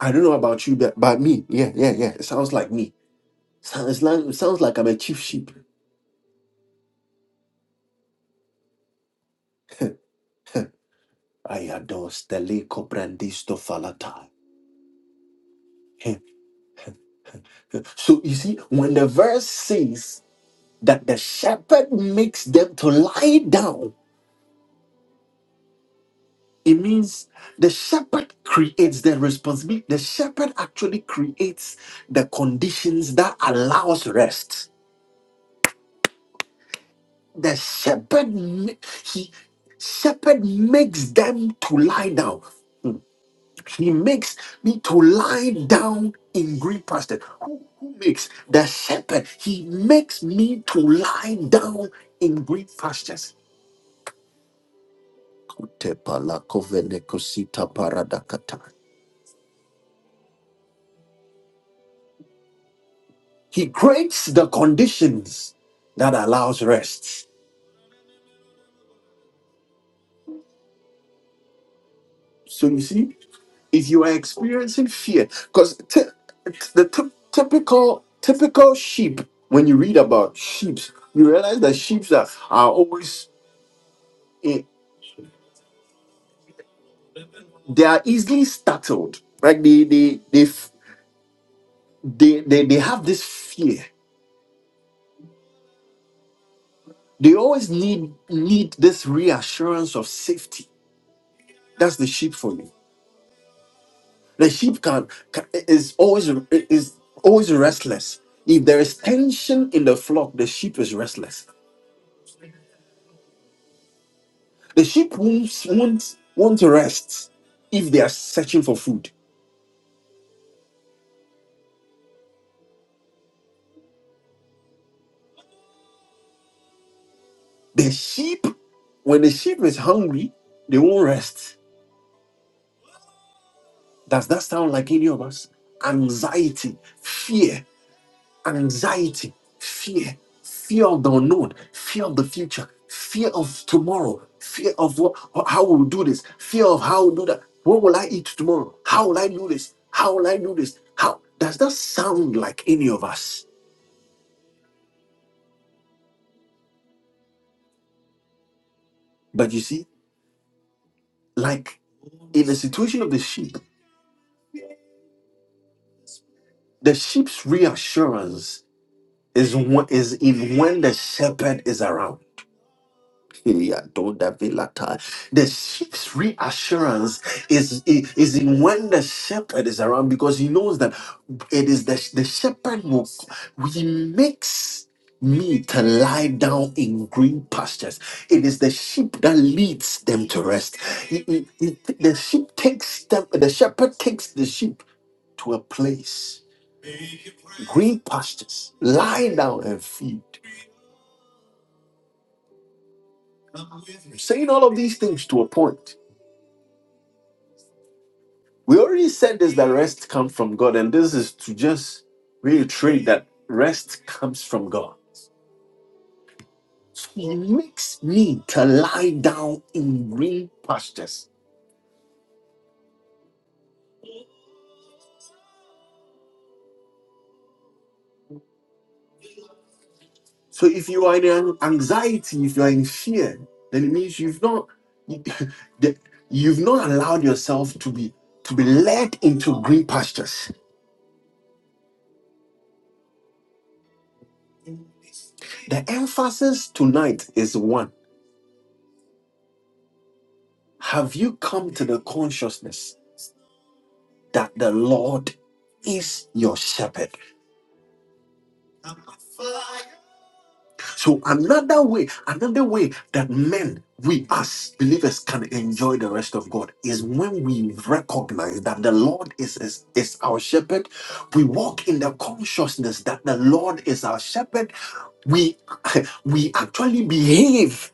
I don't know about you, but, but me, yeah, yeah, yeah. It sounds like me. Sounds like it sounds like I'm a chief sheep. I adore stele cobrandisto falata. So you see, when the verse says that the shepherd makes them to lie down It means the shepherd creates the responsibility. The shepherd actually creates the conditions that allows rest. The shepherd ma- he shepherd makes them to lie down. He makes me to lie down in green pasture. Who, who makes the shepherd? He makes me to lie down in green pastures. Kutepala kovenekosita paradakata. He creates the conditions that allows rest. So you see, if you are experiencing fear, because the ty- typical typical sheep, when you read about sheep, you realize that sheep are, are always eh, they are easily startled. Like they they they f- they, they they have this fear. They always need need this reassurance of safety. That's the sheep for you The sheep can, can is always is always restless. If there is tension in the flock, the sheep is restless. The sheep won't won't want to rest if they are searching for food. The sheep, when the sheep is hungry, they won't rest. Does that sound like any of us? Anxiety, fear, anxiety, fear, fear of the unknown, fear of the future, fear of tomorrow, fear of what, how we'll do this, fear of how we'll do that. What will I eat tomorrow? How will I do this? How will I do this? How does that sound like any of us? But you see, like in the situation of the sheep, the sheep's reassurance is wh- is in when the shepherd is around. The sheep's reassurance is, is, is in when the shepherd is around because he knows that it is the, the shepherd who he makes me to lie down in green pastures. It is the sheep that leads them to rest. He- he- he- the sheep takes them, the shepherd takes the sheep to a place, green pastures, lie down and feed. Saying all of these things to a point. We already said this that rest comes from God, and this is to just reiterate that rest comes from God. So He makes me to lie down in green pastures. So if you are in an- anxiety, if you are in fear, then it means you've not that you've not allowed yourself to be to be led into green pastures. The emphasis tonight is one. Have you come to the consciousness that the Lord is your shepherd? So another way, another way that men, we as believers can enjoy the rest of God is when we recognize that the Lord is, is, is our shepherd. We walk in the consciousness that the Lord is our shepherd. We we actually behave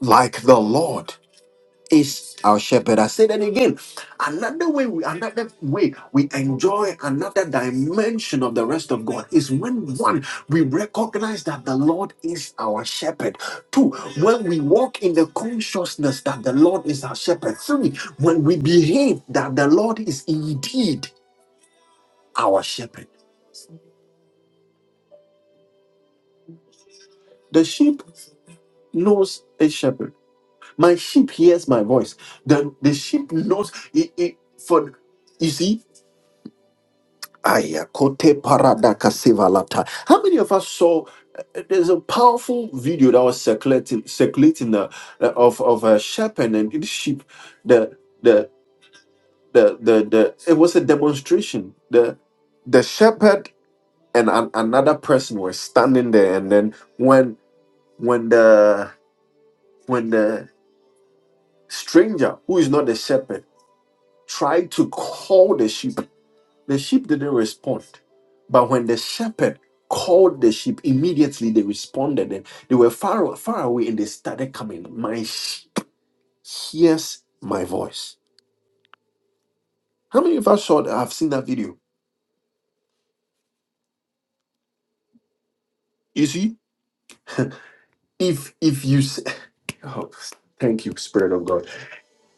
like the Lord is our shepherd. I say that again. Another way, we, another way we enjoy another dimension of the rest of God is when one we recognize that the Lord is our shepherd. Two, when we walk in the consciousness that the Lord is our shepherd. Three, when we behave that the Lord is indeed our shepherd. The sheep knows a shepherd. My sheep hears my voice. The, the sheep knows it, it- for you see Aya, kote paradaka sivalata. How many of us saw? uh, There's a powerful video that was circulating, circulating uh, uh, of of a shepherd and his sheep. The the the the the. It was a demonstration. The the shepherd and an, another person were standing there, and then when when the when the stranger who is not the shepherd tried to call the sheep The sheep didn't respond. But when the shepherd called the sheep, immediately they responded and they were far, far away and they started coming. My sheep hears my voice. How many of us saw that? I've seen that video. You see, if if you say, oh, thank you, Spirit of God.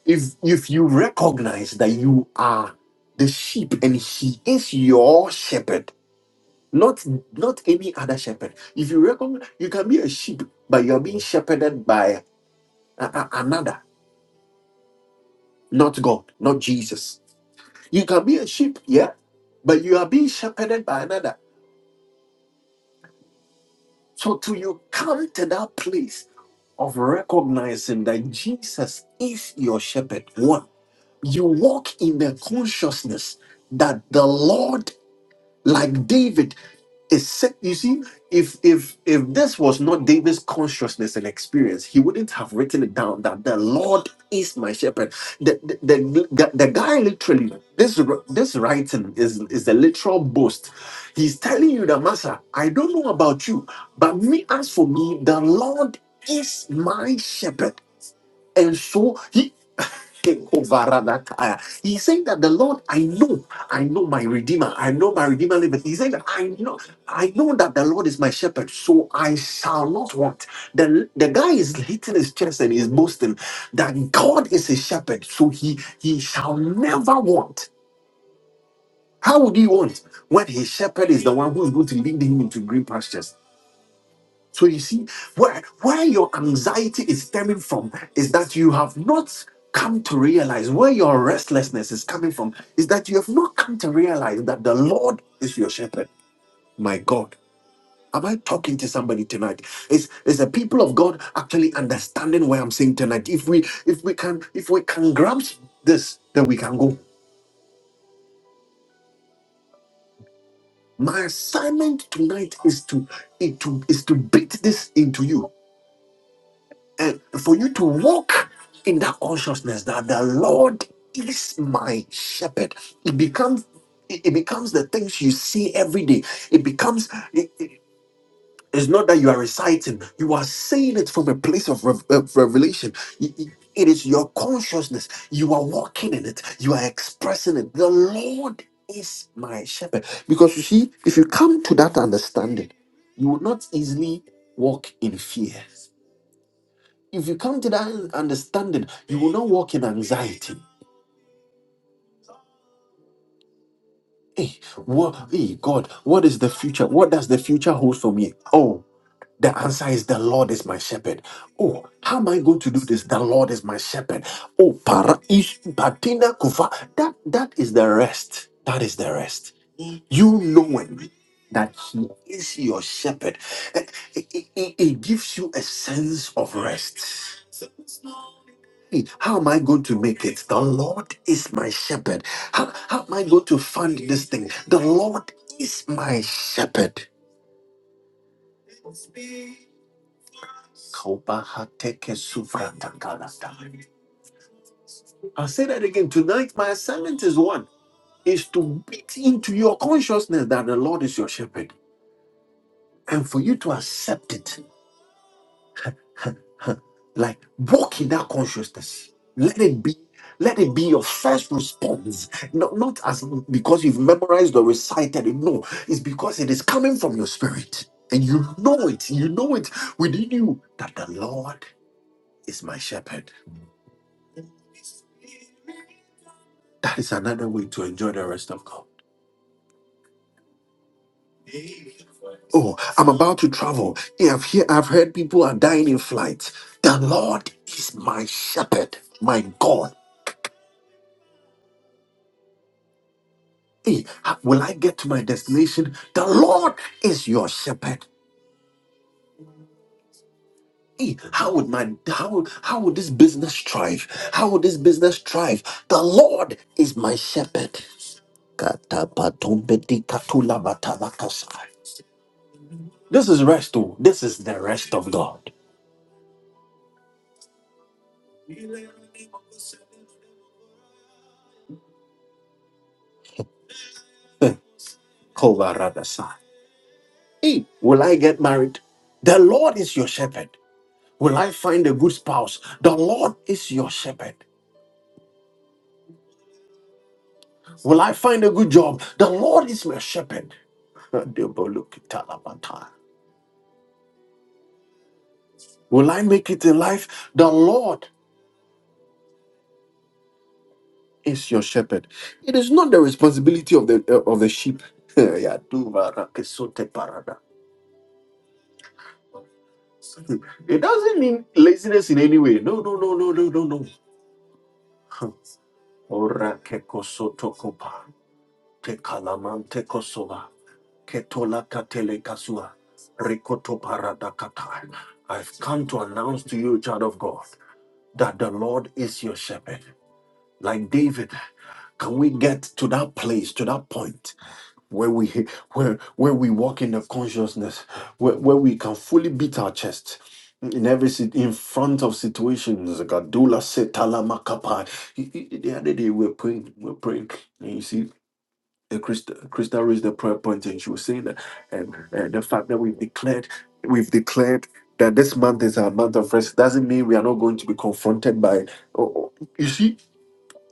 If if you recognize that you are the sheep and he is your shepherd, not not any other shepherd. If you recognize you can be a sheep, but you're being shepherded by A- a- another, not God, not Jesus. You can be a sheep, yeah, but you are being shepherded by another. So till you come to that place of recognizing that Jesus is your shepherd, one, you walk in the consciousness that the Lord, like David. It's sick. You see, if if if this was not David's consciousness and experience, he wouldn't have written it down that the Lord is my shepherd. The the, the, the the guy literally this this writing is is a literal boast. He's telling you that Master, I don't know about you, but me as for me, the Lord is my shepherd, and so he Take over that tire. He's saying that the Lord, I know, I know my Redeemer, I know my Redeemer liveth. He's saying that I know, I know that the Lord is my shepherd, so I shall not want. The, the guy is hitting his chest and he's boasting that God is his shepherd, so he he shall never want. How would he want when his shepherd is the one who is going to lead him into green pastures? So you see, where, where your anxiety is stemming from is that you have not come to realize where your restlessness is coming from is that you have not come to realize that the Lord is your shepherd. My God. Am I talking to somebody tonight? Is is the people of God actually understanding what I'm saying tonight? If we if we can if we can grasp this, then we can go. My assignment tonight is to, is to is to beat this into you And for you to walk in that consciousness that the Lord is my shepherd, it becomes it it becomes the things you see every day. It becomes it, it- it's not that you are reciting; you are saying it from a place of rev- of revelation. It it- it is your consciousness. You are walking in it. You are expressing it. The Lord is my shepherd. Because you see, if you come to that understanding, you will not easily walk in fear if you come to that understanding, you will not walk in anxiety. Hey, what, hey, God, what is the future? What does the future hold for me? Oh, the answer is the Lord is my shepherd. Oh, how am I going to do this? The Lord is my shepherd. Oh, para is patina kufa. That that is the rest. That is the rest. You knowing that He is your shepherd, eh, it, it it gives you a sense of rest. Hey, How am I going to make it? The Lord is my shepherd. How, how am I going to find this thing? The Lord is my shepherd. I'll say that again. Tonight, my assignment is one is to beat into your consciousness that the Lord is your shepherd and for you to accept it like walk in that consciousness let it be let it be your first response not, not as because you've memorized or recited it no it's because it is coming from your spirit and you know it you know it within you that the lord is my shepherd that is another way to enjoy the rest of god oh i'm about to travel Yeah, i've hear, i've heard people are dying in flights. the lord is my shepherd my god Hey, how- will I get to my destination? The Lord is your shepherd. Hey, how would my how how would this business thrive? How would this business thrive? The Lord is my shepherd. Katapatombedikatulabatabakasai. This is rest. oh. This is the rest of God. Eh, kovaradasai. Hey, will I get married? The Lord is your shepherd. Will I find a good spouse? The Lord is your shepherd. Will I find a good job? The Lord is my shepherd. Will I make it in life? The Lord is your shepherd. It is not the responsibility of the uh, of the sheep. It doesn't mean laziness in any way. No, no, no, no, no, no, no. Orakekosotokopa. Tekalamantekosova. Ketolakatelekasua. Rikotoparadakatai. I've come to announce to you, child of God. that the Lord is your shepherd. Like David, can we get to that place, to that point where we where where we walk in the consciousness, where, where we can fully beat our chest in every sit- in front of situations. Gadula setala makapai. The other day we were praying, we were praying, and you see uh, Christ, Krista raised the prayer point and she was saying that um, uh, the fact that we've declared we've declared that this month is our month of rest doesn't mean we are not going to be confronted by oh, oh. you see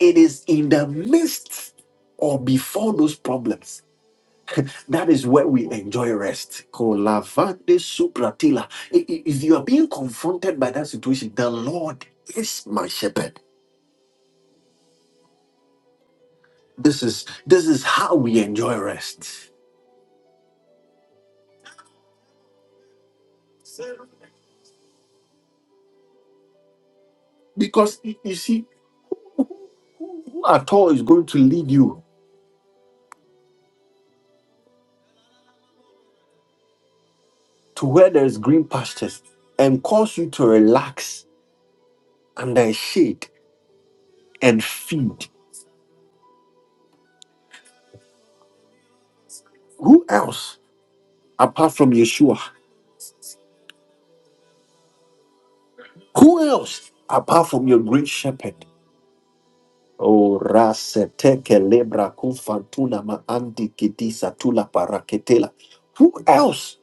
it is in the midst or before those problems that is where we enjoy rest Kolavande supratila. I- i- if you are being confronted by that situation the lord is my shepherd this is this is how we enjoy rest because y- you see Who at all is going to lead you to where there is green pastures and cause you to relax under a shade and feed? Who else apart from Yeshua? Who else apart from your great shepherd? O rase teke lebra kufantuna ma andi kidisa tula paraketela. Who else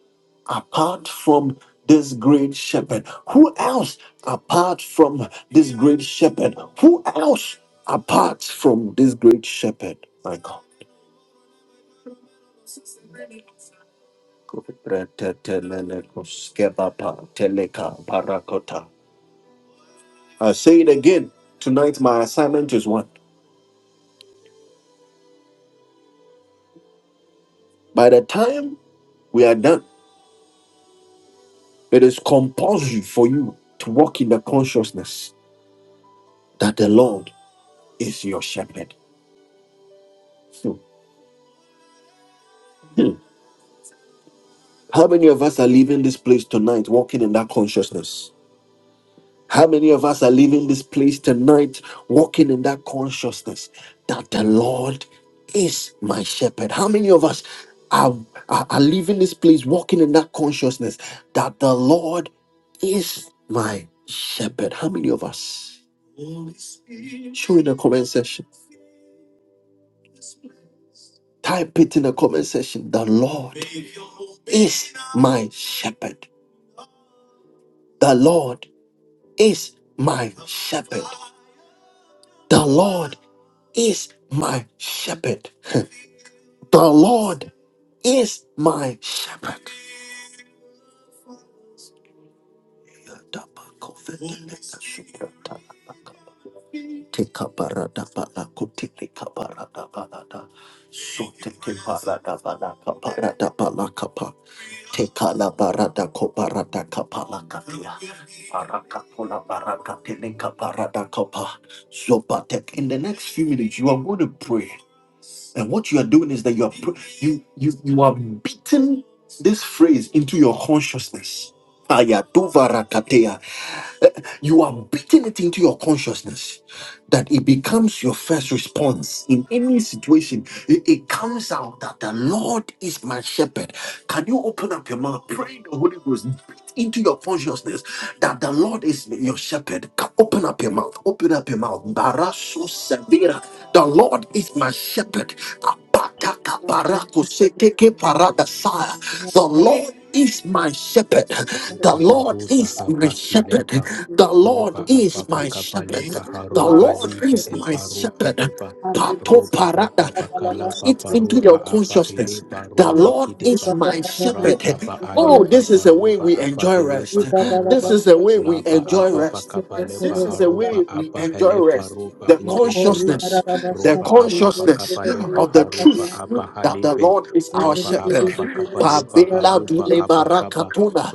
apart from this great shepherd? Who else apart from this great shepherd? Who else apart from this great shepherd? My God. Kupretetelelekuskebapa teleka barakota. I say it again. Tonight, my assignment is one. By the time we are done, It is compulsory for you to walk in the consciousness that the Lord is your shepherd. Hmm. Hmm. How many of us are leaving this place tonight walking in that consciousness? How many of us are leaving this place tonight walking in that consciousness that the Lord is my shepherd? How many of us are, are, are leaving this place walking in that consciousness that the Lord is my shepherd? How many of us? Show in the comment section. Type it in the comment section. The Lord, my shepherd. The Lord is my shepherd. The Lord is my shepherd. The Lord is my shepherd. Take Parakakula, parakateleka, paradakapa, zopatek. In the next few minutes, you are going to pray, and what you are doing is that you are pr- you you you are beating this phrase into your consciousness. Ayatuvarakatea. You are beating it into your consciousness that it becomes your first response in any situation. It, it comes out that the Lord is my shepherd. Can you open up your mouth, pray in the Holy Ghost, beat into your consciousness that the Lord is your shepherd? Ca- Open up your mouth, open up your mouth. Baraso severa. The Lord is my shepherd. Apataka barako seteke paradasaya. The Lord is my shepherd. The
lepa
Lord
arupa
is my
hapa
shepherd.
kilepa
The Lord
Roba
is
ababa
my
kabale
shepherd. The
baharu
Lord
ali be
is my
ebaru
shepherd.
kedeba.
Pato
Roba
parada.
ababa
Beat
kalaba
it into your
baruba abahile
consciousness. The
baru
Lord is
dekideba.
my shepherd.
Raka ba
Oh,
aleba
this is a way
baruba
we enjoy
abahile
rest. This
bakaruba.
is a way we
Laba
enjoy
ababa
rest.
kabale
This is the way
baharuba
we enjoy
abahile
rest.
baruba
The
ibekiba.
consciousness, the
Roba ababa
consciousness
kabale
of the
baharuba
truth that the
abahalibe.
Lord is our
Roba
shepherd.
ababa kabale
Pabela
baharuba
dule
you.
abakaba.
barakatuna,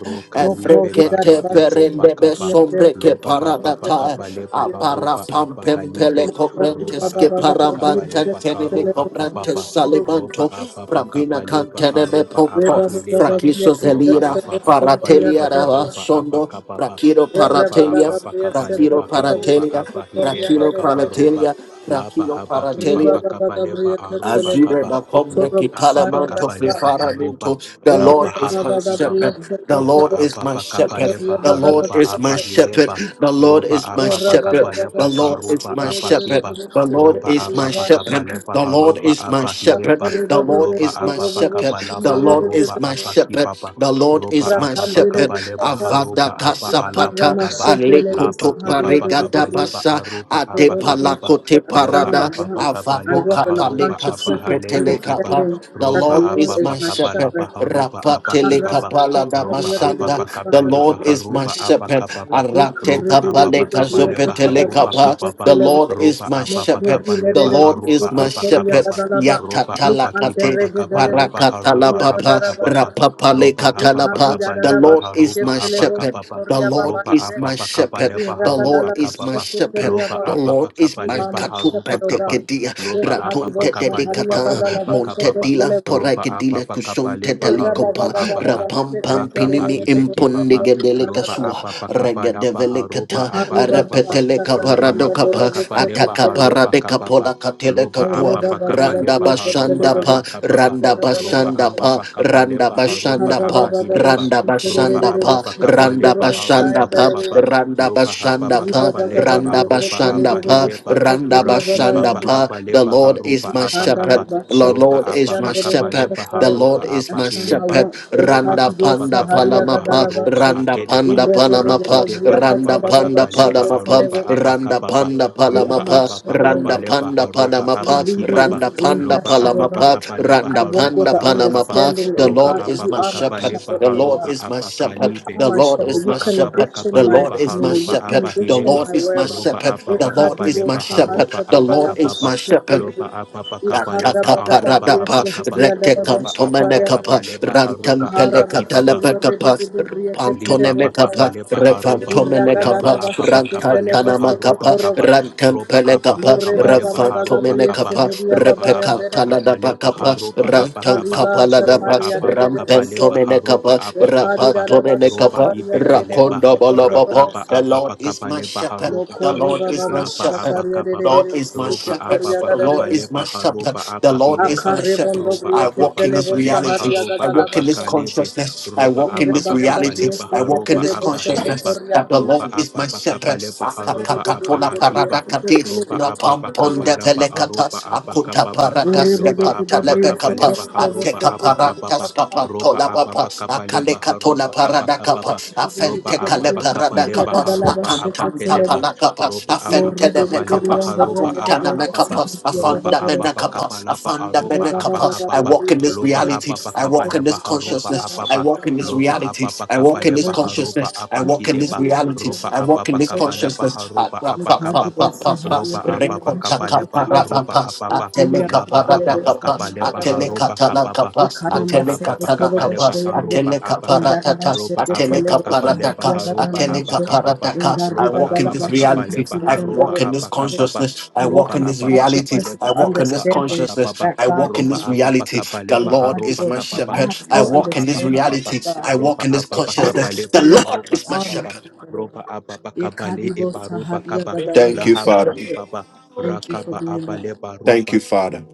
be
Mokorida
bara
efrekete
ide
Bashaka,
perende be
bakaba.
Yander,
sombre ke
Lopa hapa
Yasakuya,
paradata,
pakapalepa
Yas,
apara
haropa apa
pampempele
halipe.
Ori
Ropa
cobrantes
baba,
ke
apa
baba, Bria,
paramanta
pakapalepa
teneme
karopa
Celebus,
cobrantes
kapapa.
Kuru,
Ropa
salimanto,
apa
pravina
pakapalepa
cantene me
haropa
pompo,
apa
Reba Bada
hilepa.
Bria,
fraquiso
Ropa
zelira,
apa
Celebus, Horia,
pakapalepa
paratelia rava
Dada,
haropa apa
sondo,
kapapa.
prakiro
Ropa
Reba
paratelia,
Bada
apa
Bria,
prakiro
pakapalepa
Celebus,
haropa
paratelia,
apa
Kotoria,
hilepa
prakiro
kaparopa.
paratelia,
Lapa
prakiro
hapa kipa
Riba
paratelia,
Bada
pakapalepa
Bria,
aropa
Azure
Celebus,
kapa.
Macombre
Ropa
Kotorobus,
apa
Sayanda,
Kitalamanto
pakapalepa haropa.
Fifaraminto. The Lord
Ori
Lapa
is
hapa
my
Baba
kipa
Bria,
shepherd. The
roba
Lord
Celebus,
is
apa
my
pakapa
shepherd.
Kotoria,
lepa
The
Bada
Lord
haruba
is my
apa
Bria,
shepherd.
hileba
The Lord
roba
is my
Lord
apa
is my
pakapa
shepherd. The
lepa
Lord
shepherd, I
is
karuba
shall
my
not
apa
want.
shepherd.
kiba
The Lord
roba
is
apa
my shepherd.
pakapa lepa
The Lord
haruba
is my
apa
shepherd.
hileba
The Lord
loba
is my
apa pakapa
shepherd. The
lapa
Lord is
haruba
my
apa
shepherd.
kibaba
The Lord
roba
is my
apa
shepherd
pakapa lepa
avada
haruba apa alapa
kasapata
kaba lapa
alekoto
kiba pakapa
paregada
lepa
basa
aruba apa kababa
adepalakote
loba
parada
apa pakapa
I
avado
lepa
walk in the
haruba
kapaleka
apa
consciousness of
halebe
supetele
kiba
kapa
understanding
the
that the
roba
Lord
Lord
apa
is my
is my
pakapa
shepherd
lapa
shepherd.
haruba apa
rapatele
kibaba
kapala da
ropa apa
basanda
pa
the
kapa lepa
Lord is my
harupa apa
shepherd
kapa pa
You are
arate
ropa apa pa
kapaleka
kapa lepa
supetele
harupa
kapa
kapa pa
the Lord is
ropa
my
apa pa
shepherd
kapa
the
lepa
Lord
harupa
is my
apa kapa
shepherd
pa ropa apa kipa pa
yatatalakate
kapa lepa harupa
Parakatalapapa,
apa kapa pa lopa apa pa kapa
rapapalekatalapa. The
lepa
Lord is
harupa
my
apa kapa
shepherd.
pa
The Lord
ropa
is
apa
my
pa kapa
shepherd.
lepa
The Lord
harupa
is
kapa
my
pa
shepherd.
lopa
The
apa pa
Lord is
kapa
my
lepa
my
harupa
shepherd, O God.
kapa
katupatekedia.
lopa apa pa
Ratonte
kapa lepa
dedicata.
harupa kapa pa
Montedila
ropa apa
porakedila
pa kapa
kusonte
lepa harupa
delikopa.
Ekhabi
apa
Rapam pam
Rakaba
pinimi
ibeke baba, loba
imponegedelecasua.
ababa kaba laba haroba
Regadevelecata.
abaki baba,
Arapeteleca
roba
paradocapa.
hababa kaba leba haroba
pola
kababa,
kateleka
loba
catelecatua.
ababa kaba
Randa
leba haroba
bashanda
abaka baba,
Randa
roba
Bashanda Pa,
ababa kaba
Randa
leba haroba
Bashanda Pa,
abahileba,
Randa
roba
Bashanda Pa,
ababa kaba
Randa
leba
Bashanda
aroba
Pa,
kababa,
Randa
loba
Bashanda
hababa
Pa,
kaba leba
Randa
aroba
Bashanda Pa,
abahileba,
Randa
raki
Bashanda
baba
Pa.
kaba
The
leba
Lord
haroba
is my shepherd.
abakaba,
The
roba
Lord is my
ababa kaba
shepherd.
leba
The Lord
haroba
is my
Ashana
abahileba,
wa
shepherd.
Loba
Randa
ekadido
Ababa
Panda
sahari ya
palama
Kabaleba
pa,
gadala
Haruba
bashe.
Randa
Akedeba
In the
Panda
Rebbe
palamapa,
Bria
Rakideba
randa
Katada
Ababa
panda
Bashe
Kabaleba Aruba
Televo
palamapa, randa
Abakababa
panda
You are
Roba
my
palamapa,
Ababa
shepherd, O
randa
God.
Kabaleba
panda
Haruba
You lead
palamapa,
me
Abakibaba
randa
into green
panda
Loba
pasture, O
Ababa
God.
palamapa,
Kabaleba
I
randa
walk with
Haruba
panda
the
Abakaba
understanding,
palamapa. The
O
Roba
Lord
God, that
is
you
my
Ababa
are my
shepherd.
Kabaleba
shepherd,
The
O
Lord
Haruba
God.
is my
You
shepherd.
are
Abakalibe
The
my
Lord
shepherd.
is
You
Roba
my
Ababa
shepherd.
condition
The
my
Lord
Kabaleba
is my
community. You
Haruba
shepherd. The
condition
Abahileba
Lord
my
is my
whereabouts.
Roba
shepherd. The
Ababa
Lord is
Ikadibo
my
Kabaleba
shepherd.
sahadia
Haruba
The Lord
badala
is
Abakababa
my shepherd.
bashetelebe.
Loba Ababa
Ikarra
Kabaleba
badala
Aruba
bria
Atakaparadapa,
Abakaba
sahadia dada
roba ababa
bashetaya
Retekantomenekapa,
de.
kabaleba roba
Ikara
abaki baba
basondo
Rantempelekatalebekapa,
rebege de bria
Liba
ketelebo
bakaba
Pantonemekapa,
saya.
leba haruba laba
Refantomenekapa,
Iragadala
apa bakaba
bashetelebo
leba
Rantatanamakapa,
haruba kaba
sokotorobo.
roba apa
Rantempelekapa,
Morre
bakaba
baba
leba
baga
haruba
gabriel
kaba
Refantomenekapa,
seheria
loba
baba
apa
yanderebe.
bakaba leba
Repekatanadabakapa,
haruba apa
Mekari
kaba
ba
Rantankapaladapa,
roba
shatari
apa
yadere
bakaba
boso.
leba haruba
Rampentomenekapa,
apa kaba
Mekari
ba
daraba
Rapatomenekapa,
roba
shatari yadere
ibekeleba
boso kotoro
Rakondabalabapa.
rakaba
The
bosa.
apa
Lord is
bakaba
my
leba
shepherd.
haruba
The
kaba
Mokori
Lord
baba
is
ba
my
laba
shepherd.
apa
shatari
kaba
yadere
ba
Lord is my
boso
roba
shepherd.
kotori
apa
The
yadere
Lord
bakaba
is
boso.
my
leba
shepherd.
haruba
The
apa
Lord is
hileba
my
Akare
shepherd.
bondo
roba
brie
I
apa
walk in
ketele
this
bakaba
bosa
leba
reality.
hari
haruba
I
yagadala
walk
apa
in this
basha.
kalebe
consciousness. I
roba
walk in
Irre
apa
this
pa
baga
kapa
reality.
gabriel
leba
I walk in
haruba
seketele
this
apa
boso
heleba
consciousness that
kotoria.
the
loba
Lord is
apa
my
pa kapa
shepherd.
leba
Orre
haruba
bebe
apa
Akakakatona
bebe brie
hakiba
seketele
paradakate,
roba apa pa
boso.
kapa laba aruba
rapampondepelekata,
apa
akuta
kapa pa loba
parakaskepa
apa pa kapa leba haruba apa
telepekapa,
kapa
Kaskapa
roba apa
Tolabapa,
pa kapa leba
Akaleka Tola
haruba apa kapa
Paradakapa,
pa loba
Afente
apa
Kale
pa kapa leba
Paradakapa,
haruba apa
Akantanta
kedeba
Palakapa,
roba apa pa
Afente de
kapa
Mekapa,
leba haruba apa
Afontana
kapa
Mekapa,
roba
Afanda
apa pa
Rebaba
Menakapa,
kapa laba
Afanda
aruba apa
Menakapa. I
kapa pa
walk in this
loba
reality,
hapa
I
pakapa
walk in
leba
this
haroba
consciousness, I
apa
walk in this
lopa
reality,
apapa
I walk
kapa
in this
lepa haropa
consciousness, I
apa
walk in this
kideba
reality,
ropa
I walk in
apapa kapa lepa
consciousness at
haropa apa
Mukhaji
kapapa
Bosa Hadia
rapapapapapas,
ropa
Badala
apapa kapa lepa
Mashakele
haropa
rekotakaparatapas,
apapa
Makulia
lapa apapa
Elebes
kapa
atelekaparatakapas,
Hadia
lepa
Badala
haropa
Mash
kapapa
atelekatalakapas,
Ikana
lopa apapa
Masakele
kapa lepa
atelekatalakapas,
Bashayande
haropa apaka
Indara
atelekaparatatas,
ropa apapa
Mashakele
kapa lepa
Hadia
atelekaparatakas,
haropa
Badala
apa
Masho
kapapa
atelekaparatakas. I
Indari
ropa
walk in
Badala
apapa
this
Masha
kapa
reality.
lepa
I
Katilian
haropa
walk in this
apa
Dorobisike.
kapapa
consciousness.
I
I
walk
ropa
walk
in
in
the
this
apapa kapa
reality.
consciousness of
I
lepa
the
walk in
haropa
this
apa
understanding
consciousness.
kapapa
that
I
God
walk
is
in
ropa
my
this
strength.
apapa
reality.
kapa
The
lepa
Lord
Mukhaji
is
haropa
my
Bosa.
kapapa
I
shepherd.
have
I
full
lopa
walk in
apa
this
understanding
kapa
reality.
of God.
I walk
roba
in this
ababa
consciousness.
kabale
The
Iya,
Lord
baharoba
is my
arma
kababa
shepherd.
shikaroba.
roba ababa
Ye
kabale
kadibo
ebaroba
sahadiya
kaba
gadala
lahaba
bashokoto.
kibaba
Thank you for
rakaba
being the
abale baroba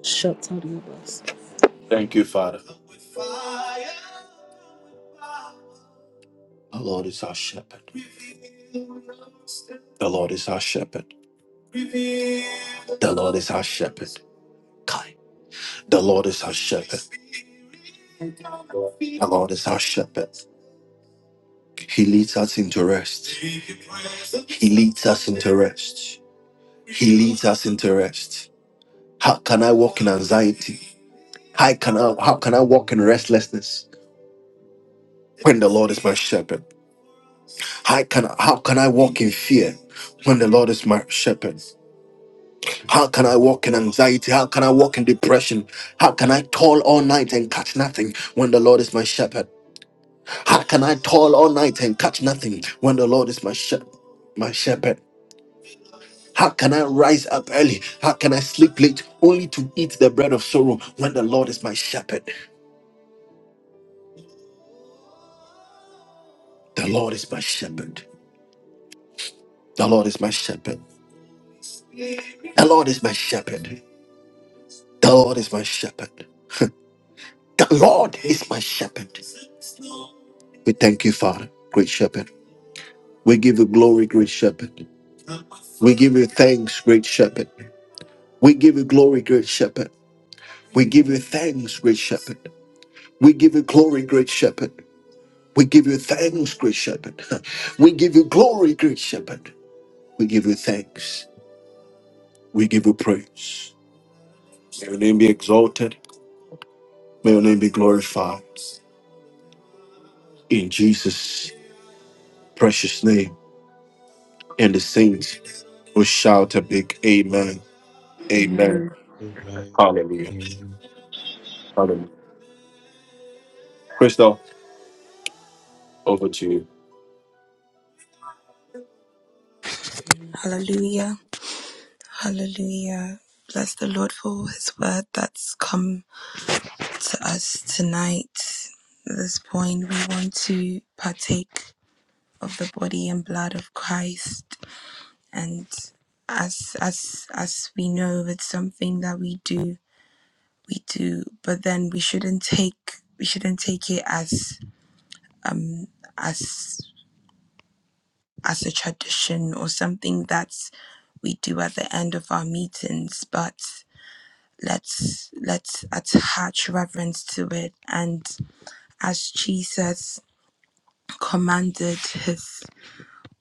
shatariyabas.
Shepherd. He leads us into rest. How can I walk in anxiety? How can I how can I walk in restlessness when the Lord is my shepherd? How can how can I walk in fear when the Lord is my shepherd? How can I walk in anxiety? How can I walk in depression? How can I toil all night and catch nothing when the Lord is my shepherd? How can I toil all night and catch nothing when the Lord is my shepherd? My shepherd. How can I rise up early? How can I sleep late only to eat the bread of sorrow when the Lord is my shepherd? The Lord is my shepherd. The Lord is my shepherd. The Lord is my shepherd. The Lord is my shepherd. The Lord is my shepherd. We thank you, Father, great shepherd. We give you glory, great shepherd. We give you thanks, great shepherd. We give you glory, great shepherd. We give you thanks, great shepherd. We give you glory, great shepherd. We give you thanks, great shepherd. We give you glory, great shepherd. We give you thanks. We give you praise. May your name be exalted. May your name be glorified. In Jesus' precious name. And the saints will shout a big amen. Amen.
Amen.
amen
Hallelujah.
amen
Hallelujah. Crystal, over to you.
Hallelujah. Hallelujah. Bless the Lord for his word that's come to us tonight. At this point, we want to partake of the body and blood of Christ. And as, as, as we know, it's something that we do, we do, but then we shouldn't take, we shouldn't take it as, um, as, as a tradition or something that's we do at the end of our meetings, but let's let's attach reverence to it and as jesus commanded his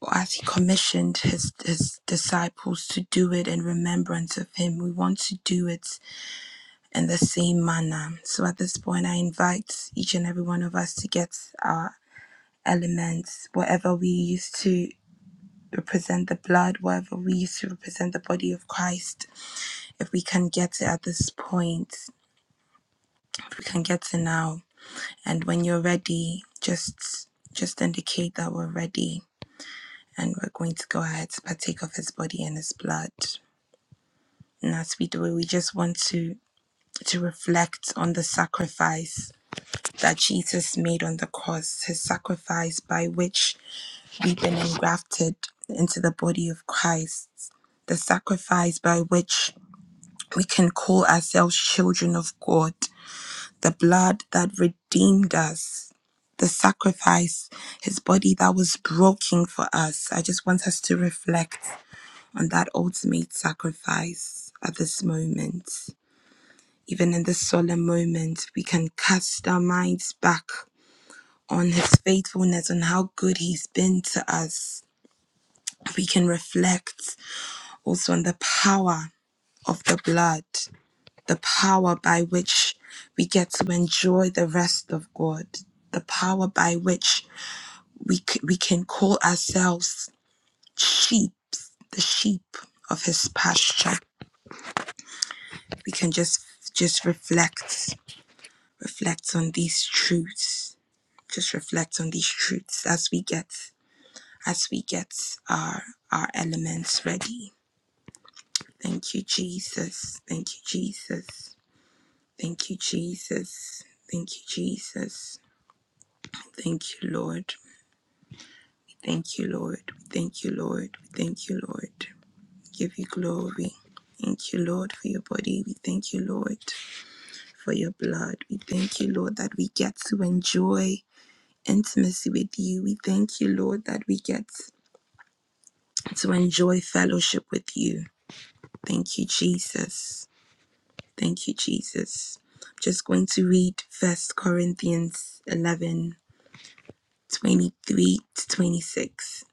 or as he commissioned his his disciples to do it in remembrance of him we want to do it in the same manner so at this point i invite each and every one of us to get our elements whatever we used to represent the blood whatever we used to represent the body of christ if we can get it at this point if we can get it now And when you're ready, just just indicate that we're ready and we're going to go ahead to partake of his body and his blood. And as we do we just want to to reflect on the sacrifice that Jesus made on the cross, his sacrifice by which we've been engrafted into the body of Christ, the sacrifice by which we can call ourselves children of God, the blood that redeemed us, the sacrifice, his body that was broken for us. I just want us to reflect on that ultimate sacrifice at this moment. Even in this solemn moment, we can cast our minds back on his faithfulness on how good he's been to us. We can reflect also on the power of the blood the power by which we get to enjoy the rest of God, the power by which we, c- we can call ourselves sheep, the sheep of his pasture. We can just just reflect, reflect on these truths, just reflect on these truths as we get as we get our our elements ready. Thank you, Jesus. Thank you, Jesus. Thank you, Jesus. Thank you, Jesus. Thank you, Lord. Thank you, Lord. Thank you, Lord. Thank you, Lord. Give you glory. Thank you, Lord, for your body. We thank you, Lord, for your blood. We thank you, Lord, that we get to enjoy intimacy with you. We thank you, Lord, that we get to enjoy fellowship with you. Thank you, Jesus. Thank you, Jesus. I'm Just going to read First Corinthians 11 23 to 26.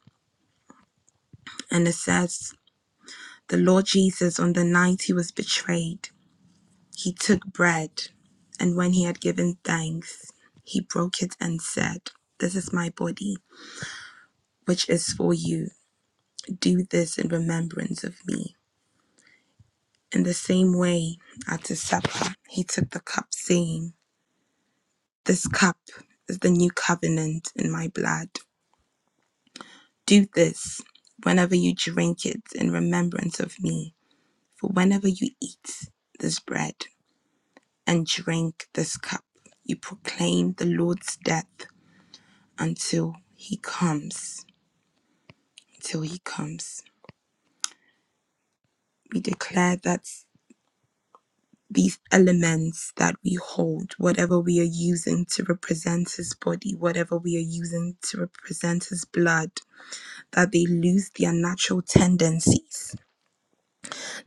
And it says, The Lord Jesus, on the night he was betrayed, he took bread, and when he had given thanks, he broke it and said, This is my body, which is for you. Do this in remembrance of me. In the same way, at the supper, he took the cup, saying, This cup is the new covenant in my blood. Do this whenever you drink it in remembrance of me. For whenever you eat this bread, and drink this cup. You proclaim the Lord's death until he comes. Until he comes. We declare that these elements that we hold, whatever we are using to represent his body, whatever we are using to represent his blood, that they lose their natural tendencies,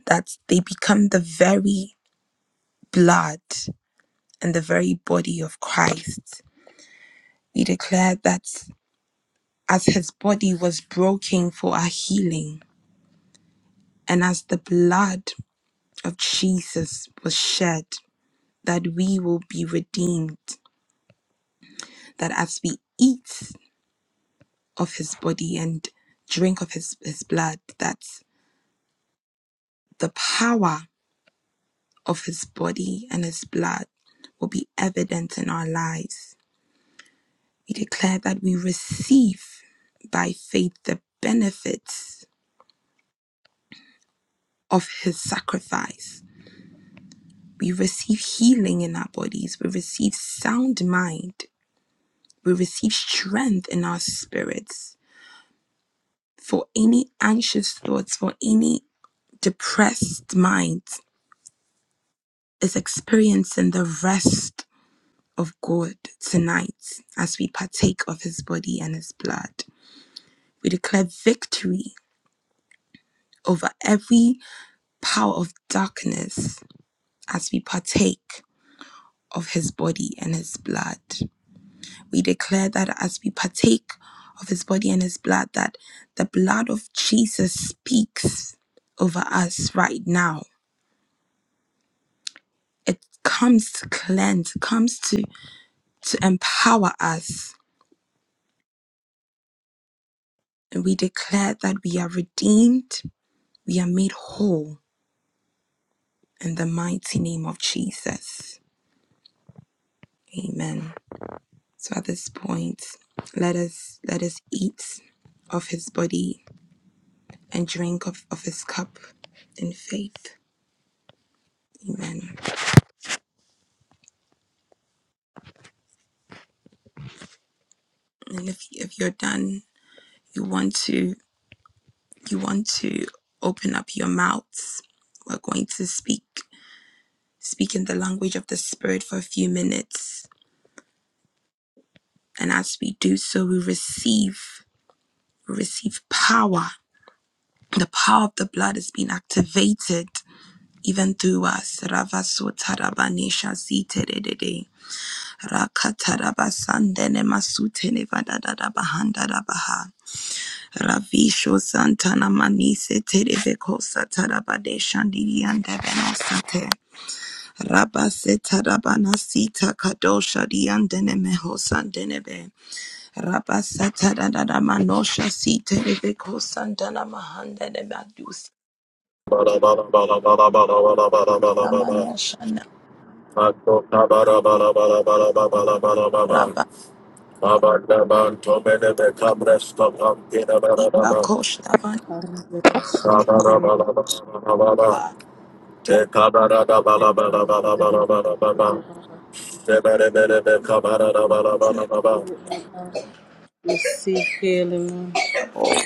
that they become the very blood and the very body of Christ. We declare that. as his body was broken for our healing, and as the blood of Jesus was shed, that we will be redeemed, that as we eat of his body and drink of his, his blood, that the power of his body and his blood will be evident in our lives. We declare that we receive by faith the benefits of his sacrifice We receive healing in our bodies. We receive sound mind. We receive strength in our spirits. For any anxious thoughts, for any depressed mind, is experiencing the rest of God tonight as we partake of his body and his blood. We declare victory over every power of darkness as we partake of his body and his blood. We declare that as we partake of his body and his blood, that the blood of Jesus speaks over us right now. It comes to cleanse, it comes to, to empower us. And we declare that we are redeemed, we are made whole in the mighty name of Jesus. Amen. So at this point, let us let us eat of his body and drink of, of his cup in faith. Amen. And if if you're done, you want to you want to open up your mouths. We're going to speak speak in the language of the spirit for a few minutes. And as we do so, we receive we receive power. The power of the blood is being activated even through us. Rakatarabasandenemasutenevadadadabahandadabaha. Ravisho Santana Manise Terebekosa Tarabade Shandirian Devenosate Rabase Tarabanasita Kadosha Diandene Mehosandenebe Rabasa Taradada Manosha Si Terebekosantana Mahandene Madusi Taramanoshana Rabasita Koshta
Ariyaba shatariyaba
Vanaba
Take
shatariyaba shatariyaba. Receive healing.
Denebabo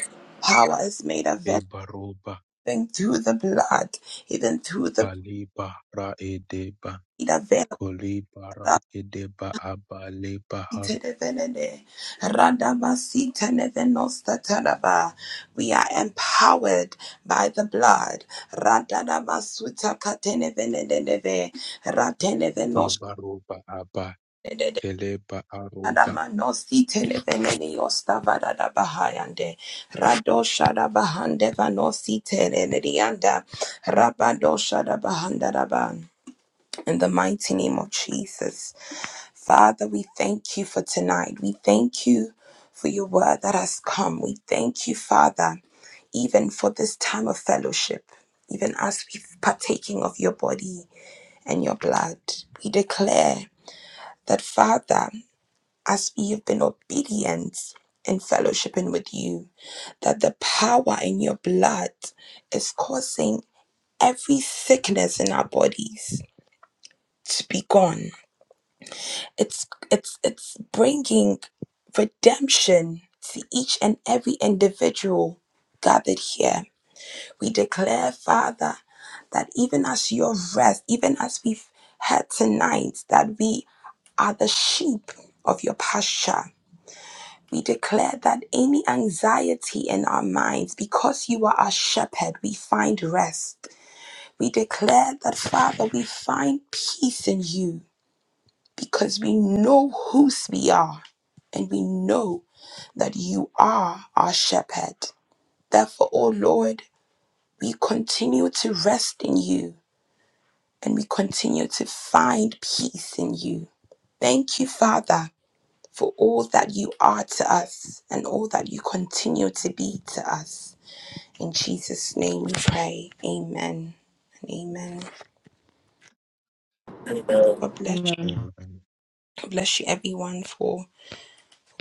Power is made available
ebaroba
even through the blood, even through the
kaliba ra edeba
blood.
koliba ra edeba abale baharoba
Iterevenene, radabasitenevenostaraba. We are empowered by the blood. Radadabasutakateneveneneneve, ratenevenostarede,
ebaroba aba keleba aroba
radamanostiteneveneniostavadadabahayande, radoshadabahandevanositerenedianda, rabadoshadabahandadaba. In the mighty name of Jesus. Father, we thank you for tonight. We thank you for your word that has come. We thank you, Father, even for this time of fellowship, even as we partaking of your body and your blood. We declare that, Father, as we have been obedient in fellowshipping with you, that the power in your blood is causing every sickness in our bodies to be gone it's it's it's bringing redemption to each and every individual gathered here we declare father that even as your rest even as we've heard tonight that we are the sheep of your pasture we declare that any anxiety in our minds because you are our shepherd we find rest we declare that father we find peace in you because we know whose we are and we know that you are our shepherd. Therefore, O Lord, we continue to rest in you and we continue to find peace in you. Thank you, Father, for all that you are to us and all that you continue to be to us. In Jesus' name we pray. Amen and amen. God bless you.
Amen.
amen
God bless you everyone for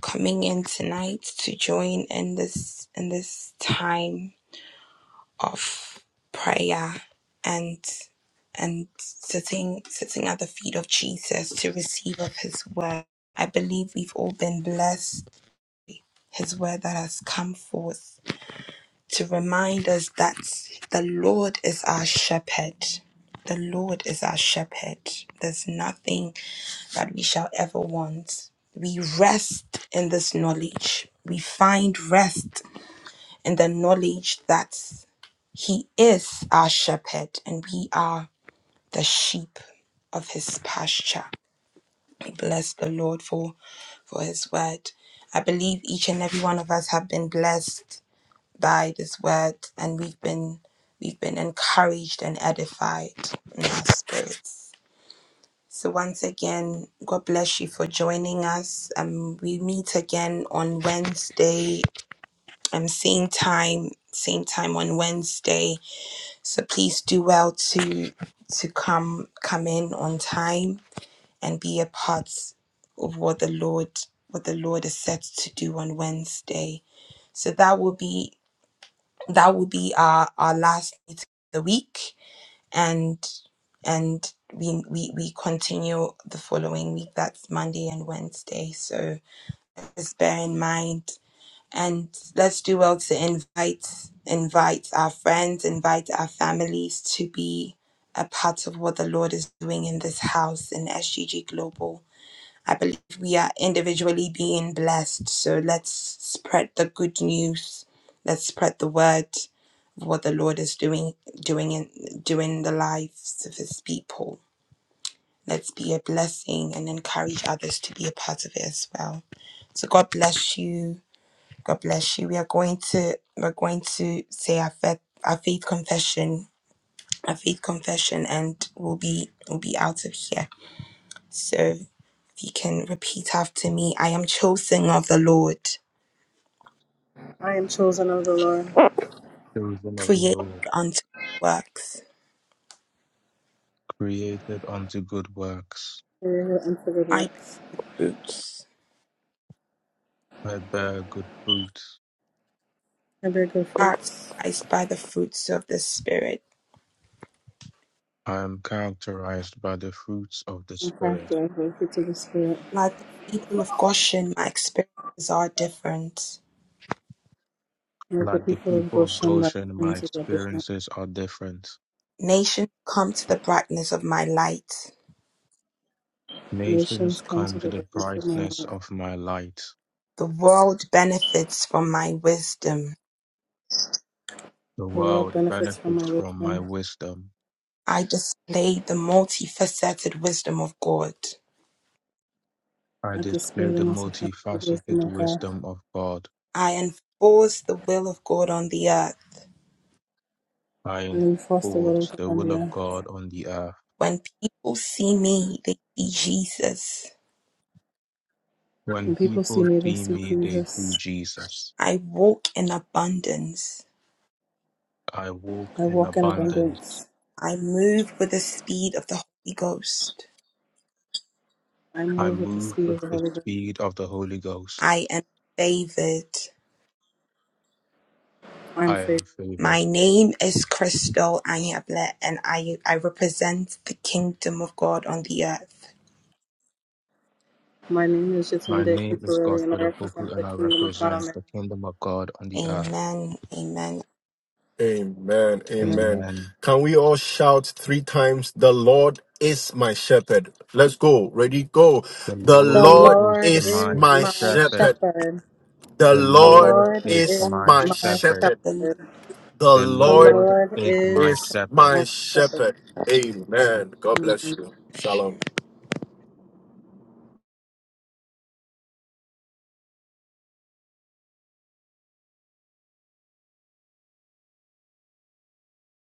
coming in tonight to join in this in this time of prayer and and sitting sitting at the feet of Jesus to receive of his word. I believe we've all been blessed. His word that has come forth to remind us that the Lord is our shepherd. The Lord is our shepherd. There's nothing that we shall ever want. We rest in this knowledge. We find rest in the knowledge that He is our shepherd, and we are the sheep of his pasture. We bless the Lord for, for his word. I believe each and every one of us have been blessed by this word, and we've been we've been encouraged and edified in our spirits. So once again, God bless you for joining us. Um, we meet again on Wednesday, um, same time, same time on Wednesday So please do well to to come come in on time and be a part of what the Lord what the Lord is set to do on Wednesday. So that will be that will be our our last meeting of the week and and we, we we continue the following week that's Monday and Wednesday. So just bear in mind and let's do well to invite invite our friends invite our families to be a part of what the lord is doing in this house in sgg global i believe we are individually being blessed so let's spread the good news let's spread the word of what the lord is doing doing in doing in the lives of his people let's be a blessing and encourage others to be a part of it as well so god bless you God bless you. We are going to we're going to say our faith our faith confession, our faith confession, and we'll be we'll be out of here. So if you can repeat after me, I am chosen of the Lord,
I am chosen of the Lord.
children of the
created
Lord
unto works,
created unto good works
for your good And for good
I
works.
bear fruits,
I bear good fruit
And bear good fruits.
characterized by the fruits of the Spirit.
I am characterized by the fruits of the
And
Spirit.
character and great fruits of the Spirit.
Like the people of Goshen, my experiences are different.
Let the
Like the
people of
people of
Goshen like
Goshen, my
friends of the different
experiences are different.
Nations come to the brightness of my light.
Nations
nations come
come
to
to
the
the
goodness of my
brightness
Lord.
of my light.
The world benefits from my wisdom.
The
The world
world
benefits from my
benefits from my
wisdom.
wisdom.
I displayed the multifaceted wisdom of God.
I
I display
display
the
the
most effective wisdom
multifaceted
of God
wisdom of God.
I enforce the will of God on the earth.
I
and enforce the will of
enforce
God
the
on
will
the
of
earth.
God on the earth.
When people see me, they see Jesus.
When
When
people see
people
me, they
see
see
me, they see
Jesus.
Jesus.
I walk in abundance.
I walk
I
in
walk in
abundance.
abundance.
I move with the speed of the Holy Ghost.
I
I
move with the
move
speed
with
of the
the
Holy Ghost.
speed of the Holy Ghost.
I am favored.
I am
I am
favored.
favored.
My name is Crystal Anyable, and I, I represent the kingdom of God on the earth.
My name is
My
Jatunde
name is
Contemporary and
Godfrey
I
Opoku,
represent the
and I
kingdom of God.
represent
on earth.
the kingdom of God on the earth.
Amen. Amen.
Amen.
Amen.
Amen.
Amen.
Can we all shout three times, The Lord is my shepherd? Let's go. Ready? Go.
The
The
The
Lord
Lord
is
Lord
is
my
is
my
my
shepherd.
shepherd.
shepherd.
The
The
The
Lord
Lord
Lord
is
is
is
my
my
my
shepherd.
shepherd.
shepherd.
The
The
The
Lord
Lord
Lord
is
is
my
is
shepherd.
my
my
shepherd.
shepherd. Amen. God bless
Amen.
you. Shalom.